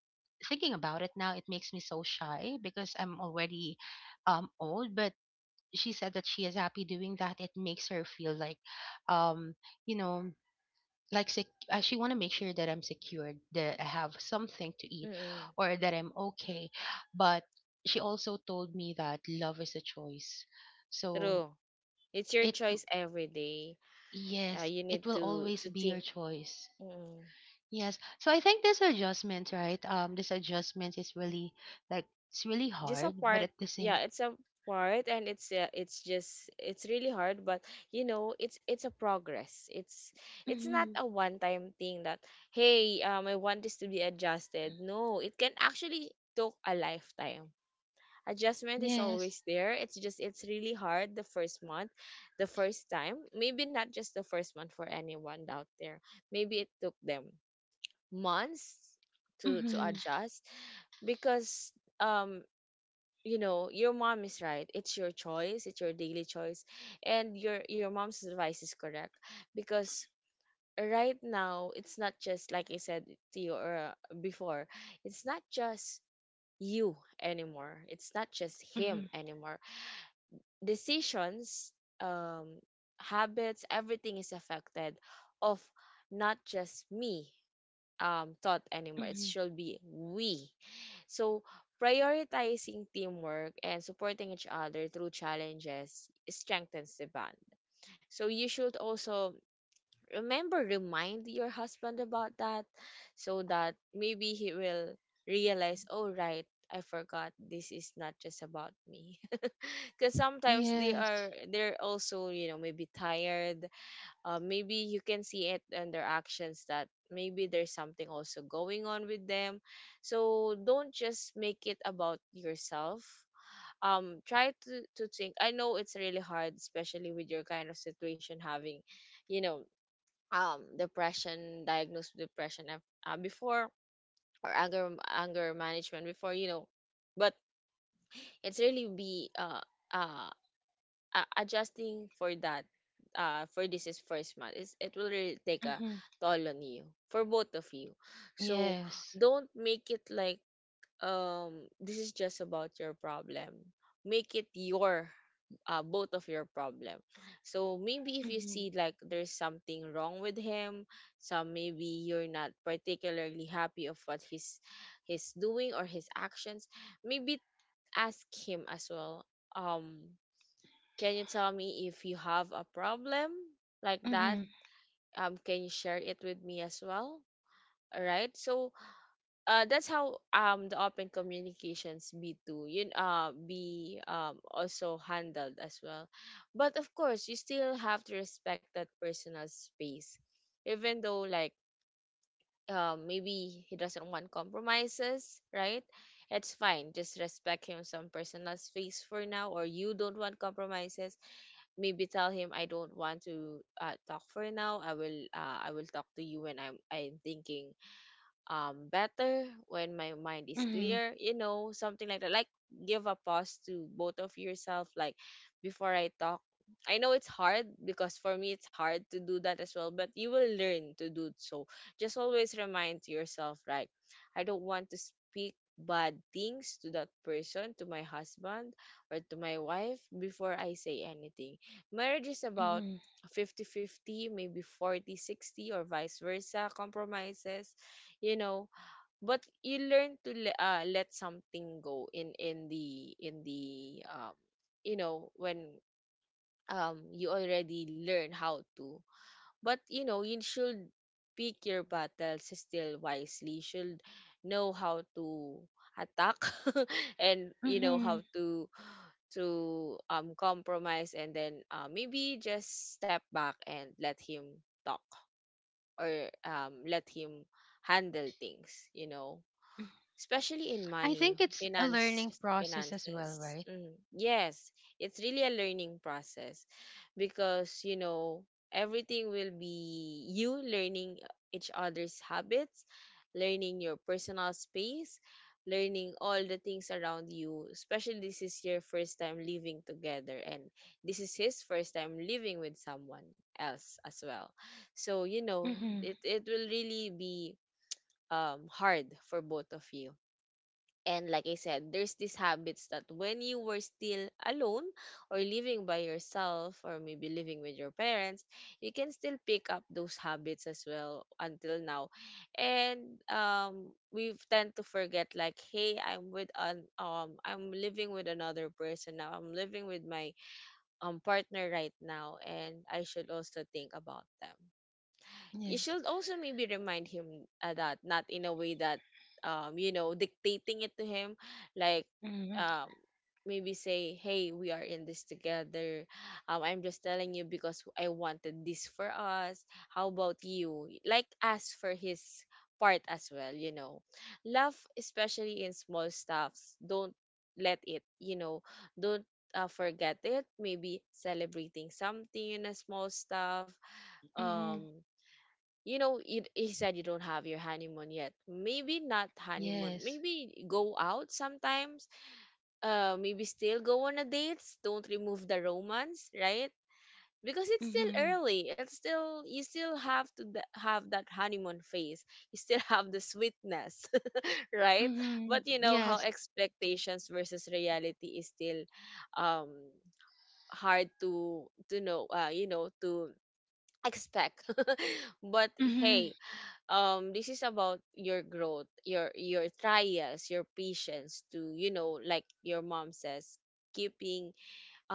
S2: thinking about it now, it makes me so shy because I'm already old. But she said that she is happy doing that. It makes her feel like, um you know like I actually want to make sure that I'm secured, that I have something to eat,
S1: Mm-mm.
S2: or that I'm okay. But she also told me that love is a choice. So
S1: True. It's your
S2: it,
S1: choice every day.
S2: yes,
S1: You need
S2: it will
S1: to
S2: always be
S1: think.
S2: your choice.
S1: Mm-mm.
S2: Yes. So I think this adjustment, right? This adjustment is really like, it's really
S1: Just a
S2: hard, but
S1: part.
S2: at the
S1: Yeah,
S2: same,
S1: it's a part, and it's just it's really hard. But you know, it's a progress. It's not
S2: mm-hmm,
S1: a one time thing that hey, I want this to be adjusted. No, it can actually took a lifetime. Adjustment is
S2: yes,
S1: always there. It's just it's really hard the first month, the first time. Maybe not just the first month. For anyone out there, maybe it took them months to
S2: mm-hmm,
S1: adjust. Because um you know, your mom is right. It's your choice. It's your daily choice. And your mom's advice is correct, because right now it's not just, like I said to you, or before, it's not just you anymore. It's not just him
S2: mm-hmm,
S1: anymore. Decisions, um habits, everything is affected of not just me thought anymore. It
S2: mm-hmm,
S1: should be we. So, prioritizing teamwork and supporting each other through challenges strengthens the bond. So, you should also remember, remind your husband about that, so that maybe he will realize, oh, right. I forgot this is not just about me. Because sometimes they are,
S2: yes,
S1: they're also, you know, maybe tired. Maybe you can see it in their actions that maybe there's something also going on with them. So don't just make it about yourself. Try to think. I know it's really hard, especially with your kind of situation, having you know, depression, diagnosed with depression, before, or anger, management before, you know. But it's really be uh adjusting for that, for this is first month is it will really take a
S2: mm-hmm,
S1: toll on you, for both of you. So
S2: yes,
S1: don't make it like um this is just about your problem. Make it your, both of your problem. So maybe if you
S2: mm-hmm,
S1: see like there's something wrong with him, some maybe you're not particularly happy of what he's doing, or his actions, maybe ask him as well. um can you tell me if you have a problem like that?
S2: mm-hmm,
S1: Can you share it with me as well? All right. So, that's how the open communications be too. You be also handled as well, but of course you still have to respect that personal space, even though like maybe he doesn't want compromises, right? It's fine. Just respect him some personal space for now, or you don't want compromises. Maybe tell him, I don't want to talk for now. I will talk to you when I'm thinking better, when my mind is
S2: mm-hmm,
S1: clear, you know, something like that. Like, give a pause to both of yourself, like, before I talk. I know it's hard, because for me it's hard to do that as well, but you will learn to do so. Just always remind to yourself, right? I don't want to speak bad things to that person, to my husband or to my wife, before I say anything. Marriage is about
S2: mm-hmm.
S1: 50/50, maybe 40/60, or vice versa, compromises, you know. But you learn to le- let something go in the um, you know, when you already learn how to. But you know, you should pick your battles still wisely. You should know how to attack and you know
S2: Mm-hmm.
S1: how to compromise, and then maybe just step back and let him talk, or let him handle things, you know, especially in
S2: I think
S1: money,
S2: it's a
S1: finance,
S2: learning process as well,
S1: finances.
S2: right?
S1: Mm, yes, it's really a learning process, because you know, everything will be you learning each other's habits, learning your personal space, learning all the things around you. Especially this is your first time living together, and this is his first time living with someone else as well. So you know,
S2: Mm-hmm.
S1: it will really be hard for both of you. And like I said, there's these habits that when you were still alone, or living by yourself, or maybe living with your parents, you can still pick up those habits as well until now. And we tend to forget like, hey, I'm with an I'm living with another person now. I'm living with my partner right now, and I should also think about them. You
S2: Yes.
S1: should also maybe remind him, that not in a way that you know, dictating it to him, like
S2: Mm-hmm.
S1: um maybe say, hey, we are in this together. I'm just telling you because I wanted this for us. How about you, like, ask for his part as well, you know. Love, especially in small stuffs, don't let it, you know, don't forget it. Maybe celebrating something in a small stuff.
S2: Mm-hmm.
S1: um you know, it, he said you don't have your honeymoon yet. Maybe not honeymoon.
S2: Yes.
S1: Maybe go out sometimes. Maybe still go on a dates. Don't remove the romance, right? Because it's still
S2: Mm-hmm.
S1: early. It's still you still have to th- have that honeymoon phase. You still have the sweetness, right?
S2: Mm-hmm.
S1: But you know how
S2: Yes.
S1: expectations versus reality is still um hard to know. You know, to expect. But
S2: Mm-hmm.
S1: hey, this is about your growth, your trials, your patience to, you know, like your mom says, keeping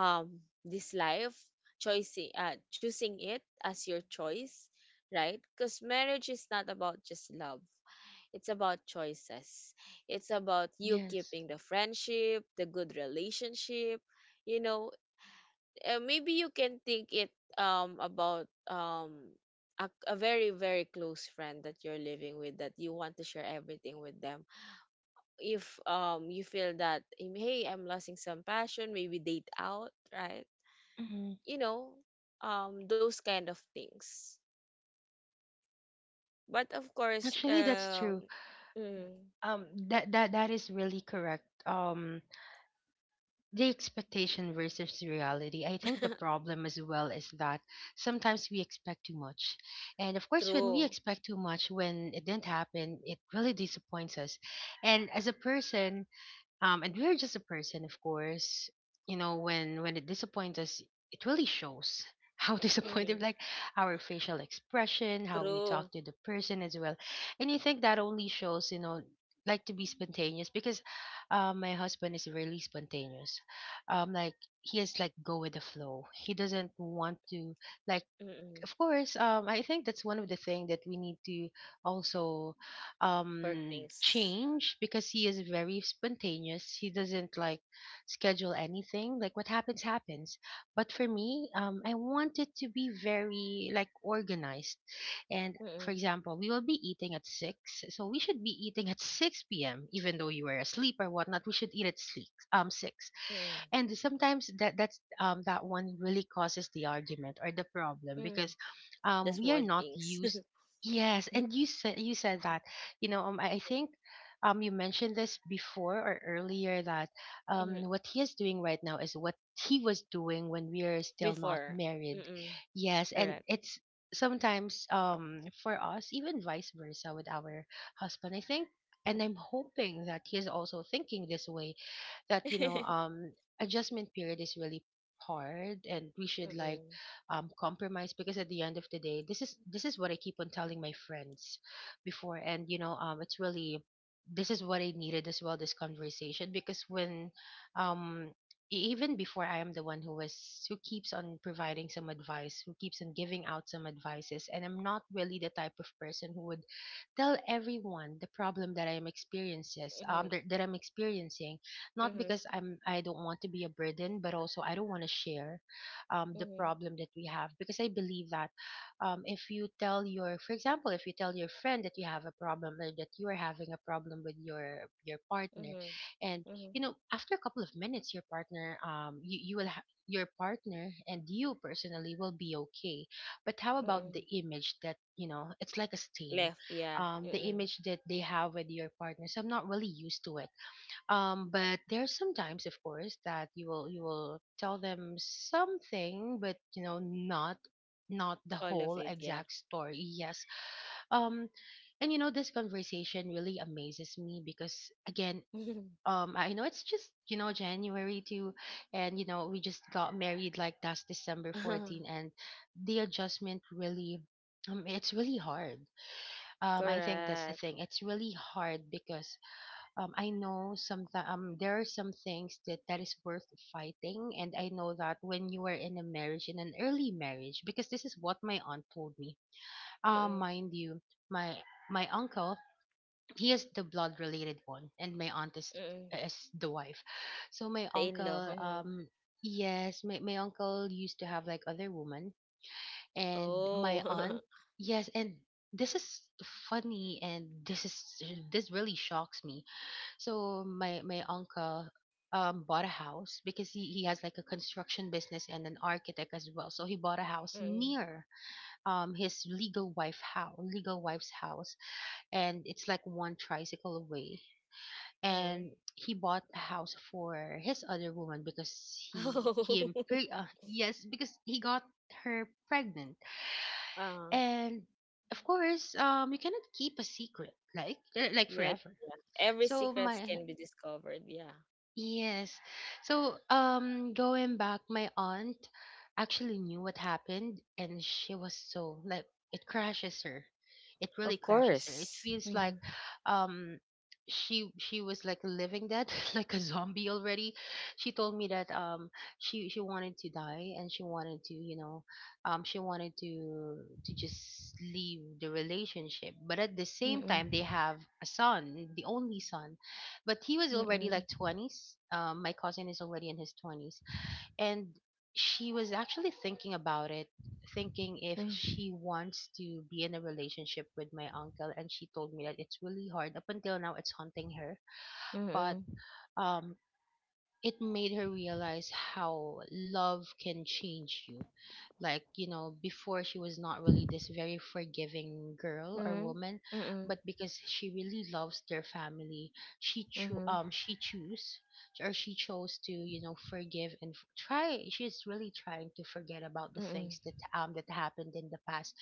S1: um this life, choosing choosing it as your choice, right? Because marriage is not about just love. It's about choices. It's about you
S2: Yes.
S1: keeping the friendship, the good relationship, you know. Maybe you can think it about a very close friend that you're living with, that you want to share everything with them. If you feel that hey, I'm losing some passion, maybe date out, right?
S2: Mm-hmm.
S1: You know, those kind of things. But of course
S2: Actually, that's true.
S1: mm,
S2: Um, that that that is really correct. The expectation versus reality. I think the problem as well is that sometimes we expect too much, and of course, when we
S1: true.
S2: expect too much, when it didn't happen, it really disappoints us. And as a person, and we're just a person, of course. You know, when it disappoints us, it really shows how disappointed,
S1: Mhm.
S2: like our facial expression, how we talk
S1: True.
S2: to the person as well. And you think that only shows, you know, like to be spontaneous because my husband is really spontaneous. Like he is like go with the flow. He doesn't want to like,
S1: Mm-mm.
S2: of course, I think that's one of the things that we need to also
S1: Work things.
S2: change, because he is very spontaneous. He doesn't like schedule anything. Like what happens happens. But for me, I want it to be very like organized. And for
S1: Mm-mm.
S2: example, we will be eating at six, so we should be eating at six p.m. Even though you were asleep or whatnot, we should eat at six.
S1: Mm-mm.
S2: And sometimes that that one really causes the argument or the problem,
S1: Mm.
S2: because
S1: The
S2: we are
S1: small
S2: not
S1: things.
S2: used. Yes. And you said, you said that, you know, I think you mentioned this before or earlier that what he is doing right now is what he was doing when we are still not
S1: Before.
S2: married.
S1: Mm-mm.
S2: Yes, and
S1: Correct.
S2: it's sometimes, for us even vice versa with our husband, I think, and I'm hoping that he is also thinking this way, that you know, adjustment period is really hard, and we should like
S1: Mm-mm.
S2: compromise, because at the end of the day, this is what I keep on telling my friends before. And you know, it's really, this is what I needed as well, this conversation, because when um even before I am the one who was, who keeps on providing some advice, who keeps on giving out some advices, and I'm not really the type of person who would tell everyone the problem that I am experiences
S1: Mm-mm.
S2: that I'm experiencing, not
S1: Mm-hmm.
S2: because I'm I don't want to be a burden, but also I don't want to share the
S1: Mm-hmm.
S2: problem that we have, because I believe that if you tell your, for example, if you tell your friend that you have a problem, or that you are having a problem with your partner,
S1: Mm-hmm.
S2: and
S1: Mm-hmm.
S2: you know, after a couple of minutes, your partner you you will your partner and you personally will be okay. But how about the
S1: Mm-mm.
S2: image that, you know, it's like a stain,
S1: Left, yeah.
S2: the
S1: Mm-mm.
S2: image that they have with your partner. So I'm not really used to it. But there's sometimes, of course, that you will tell them something, but you know, not not the
S1: All of
S2: whole
S1: it, yeah.
S2: exact story. Yes. um and you know, this conversation really amazes me, because again, I know it's just, you know, January too, and you know, we just got married, like, that's December 14. And the adjustment really, it's really hard. I think that's the
S1: Correct.
S2: thing, it's really hard because, I know some there are some things that that is worth fighting, and I know that when you are in a marriage, in an early marriage, because this is what my aunt told me.
S1: Mm-mm.
S2: Mind you, my my uncle, he is the blood related one, and my aunt
S1: Mm-mm.
S2: is the wife. So my
S1: The in-law.
S2: uncle
S1: Mm-hmm.
S2: um. Yes, my uncle used to have like other women, and my
S1: Oh.
S2: aunt. Yes, and this is funny, and this is, this really shocks me. So my uncle bought a house because he has like a construction business and an architect as well. So he bought a house
S1: Mm-mm.
S2: near his legal wife house, legal wife's house, and it's like one tricycle away.
S1: Mm-hmm.
S2: And he bought a house for his other woman, because yes, because he got her pregnant.
S1: Oh.
S2: And of course, you cannot keep a secret like, like
S1: Yeah,
S2: forever.
S1: yeah. Every
S2: So
S1: secrets
S2: my
S1: can be discovered, yeah.
S2: Yes. So, going back, my aunt actually knew what happened, and she was so like it crashes her. It
S1: Of
S2: really crashes her. It
S1: course.
S2: feels
S1: Mm-hmm.
S2: like, um, she was like living that like a zombie already. She told me that she wanted to die, and she wanted to, you know, she wanted to just leave the relationship. But at the same time, they
S1: Mm-mm.
S2: have a son, the only son, but he was already
S1: Mm-mm.
S2: like 20s, my cousin is already in his 20s. And she was actually thinking about it, thinking if
S1: Mm-mm.
S2: she wants to be in a relationship with my uncle. And she told me that it's really hard, up until now it's haunting her. but
S1: Mm-mm.
S2: um it made her realize how love can change you. Like you know, before she was not really this very forgiving girl or
S1: Mm-hmm.
S2: woman,
S1: Mm-mm.
S2: but because she really loves their family,
S1: Mhm.
S2: she choose, or she chose to, you know, forgive and try. She's really trying to forget about the
S1: Mm.
S2: things that that happened in the past.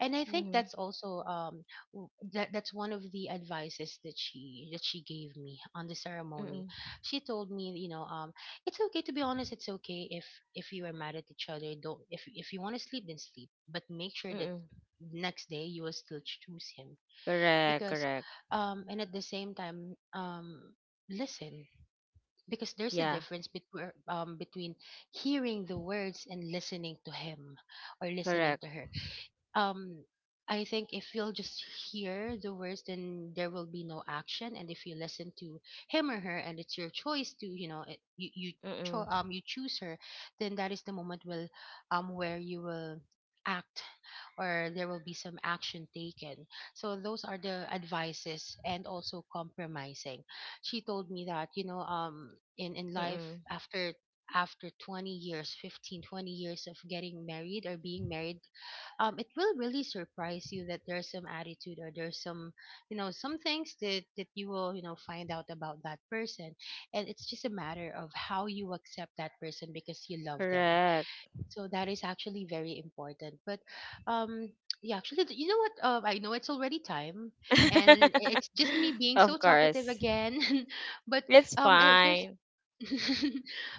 S2: And I think
S1: Mhm.
S2: that's also that's one of the advices that she gave me on the ceremony.
S1: Mm.
S2: She told me, you know, it's okay to be honest. It's okay if you are mad at each other. Don't If you want to sleep, then sleep. But make sure that
S1: Mm.
S2: next day you will still choose him.
S1: Correct,
S2: Because
S1: correct.
S2: and at the same time, listen, because there's a
S1: Yeah,
S2: difference between between hearing the words and listening to him, or listening
S1: correct.
S2: to her. um I think if you'll just hear the words, then there will be no action. And if you listen to him or her, and it's your choice to, you know, it, you cho-
S1: Mm.
S2: you choose her, then that is the moment will where you will act, or there will be some action taken. So those are the advices, and also compromising. She told me that, you know, in life
S1: Mm.
S2: after, after 20 years, 15, 20 years of getting married or being married, it will really surprise you that there's some attitude, or there's some, you know, some things that you will, you know, find out about that person. And it's just a matter of how you accept that person, because you love them.
S1: Correct.
S2: So that is actually very important. But um yeah, actually, you know what, I know it's already time, and it's just me being so
S1: Of
S2: talkative
S1: course.
S2: again. but
S1: It's
S2: um if there's
S1: fine.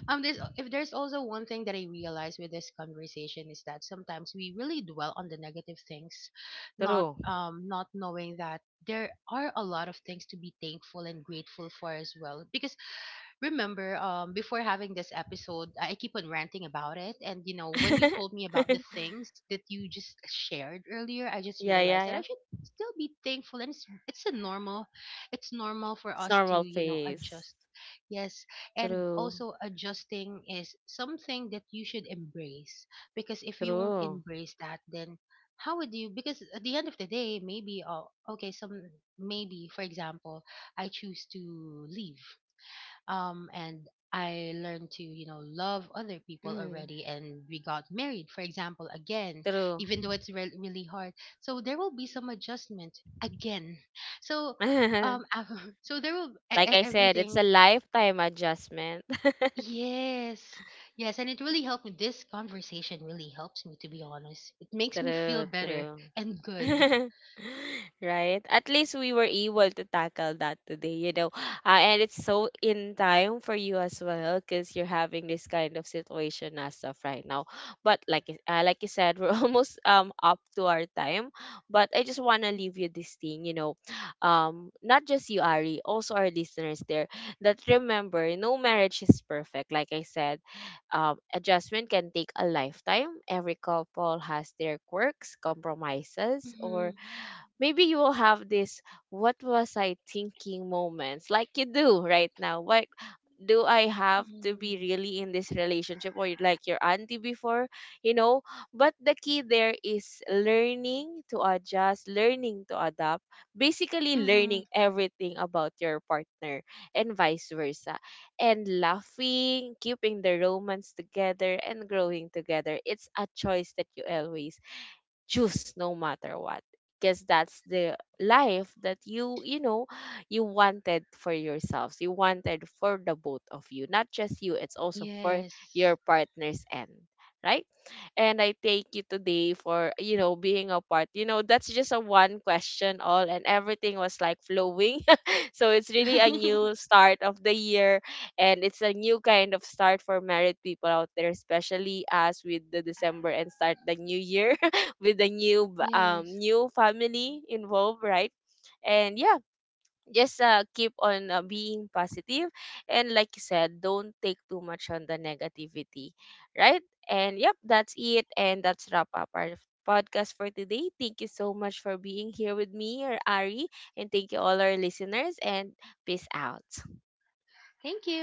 S2: there's, if there's also one thing that I realized with this conversation, is that sometimes we really dwell on the negative things, not
S1: True.
S2: not knowing that there are a lot of things to be thankful and grateful for as well. Because remember, before having this episode, I keep on ranting about it. And you know, when you told me about the things that you just shared earlier, I just
S1: Yeah, yeah,
S2: realized that
S1: yeah.
S2: I should still be thankful. And it's a normal, it's normal for
S1: It's
S2: us to,
S1: normal
S2: you know,
S1: phase.
S2: adjust. Yes. And
S1: True.
S2: also, adjusting is something that you should embrace, because if you won't
S1: True.
S2: embrace that, then how would you? Because at the end of the day, maybe, oh okay, some, maybe for example, I choose to leave. And I learned to, you know, love other people
S1: Mhm.
S2: already, and we got married, for example, again,
S1: True.
S2: even though it's really hard. So there will be some adjustment again. So um so there will
S1: Like I said, it's a
S2: everything.
S1: lifetime adjustment.
S2: Yes. Yes, and it really helped me, this conversation really helps me, to be honest. It makes me feel
S1: True,
S2: better
S1: true.
S2: and good.
S1: Right? At least we were able to tackle that today, you know. And it's so in time for you as well, because you're having this kind of situation as of right now. But like y- like you said, we're almost up to our time. But I just want to leave you this thing, you know. Not just you, Ari, also our listeners there, that remember, no marriage is perfect, like I said. Adjustment can take a lifetime. Every couple has their quirks, compromises,
S2: Mm-hmm,
S1: or maybe you will have this what was I thinking moments, like you do right now. Like, do I have to be
S2: mm-hmm,
S1: really in this relationship, or like your auntie before, you know? But the key there is learning to adjust, learning to adapt, basically
S2: mm-hmm.
S1: learning everything about your partner and vice versa. And laughing, keeping the romance together and growing together. It's a choice that you always choose, no matter what, because that's the life that you know, you wanted for yourselves. You wanted for the both of you, not just you. It's also for
S2: Yes.
S1: your partner's end, right? And I thank you today for, you know, being a part. You know, that's just a one question all, and everything was like flowing. So it's really a new start of the year, and it's a new kind of start for married people out there, especially us with the December and start the new year with the new b-
S2: Yes,
S1: new family involved, right? And yeah, just keep on being positive, and like you said, don't take too much on the negativity, right? And yep, that's it, and that's wrap up our podcast for today. Thank you so much for being here with me or Ari, and thank you all our listeners, and peace out.
S2: thank you.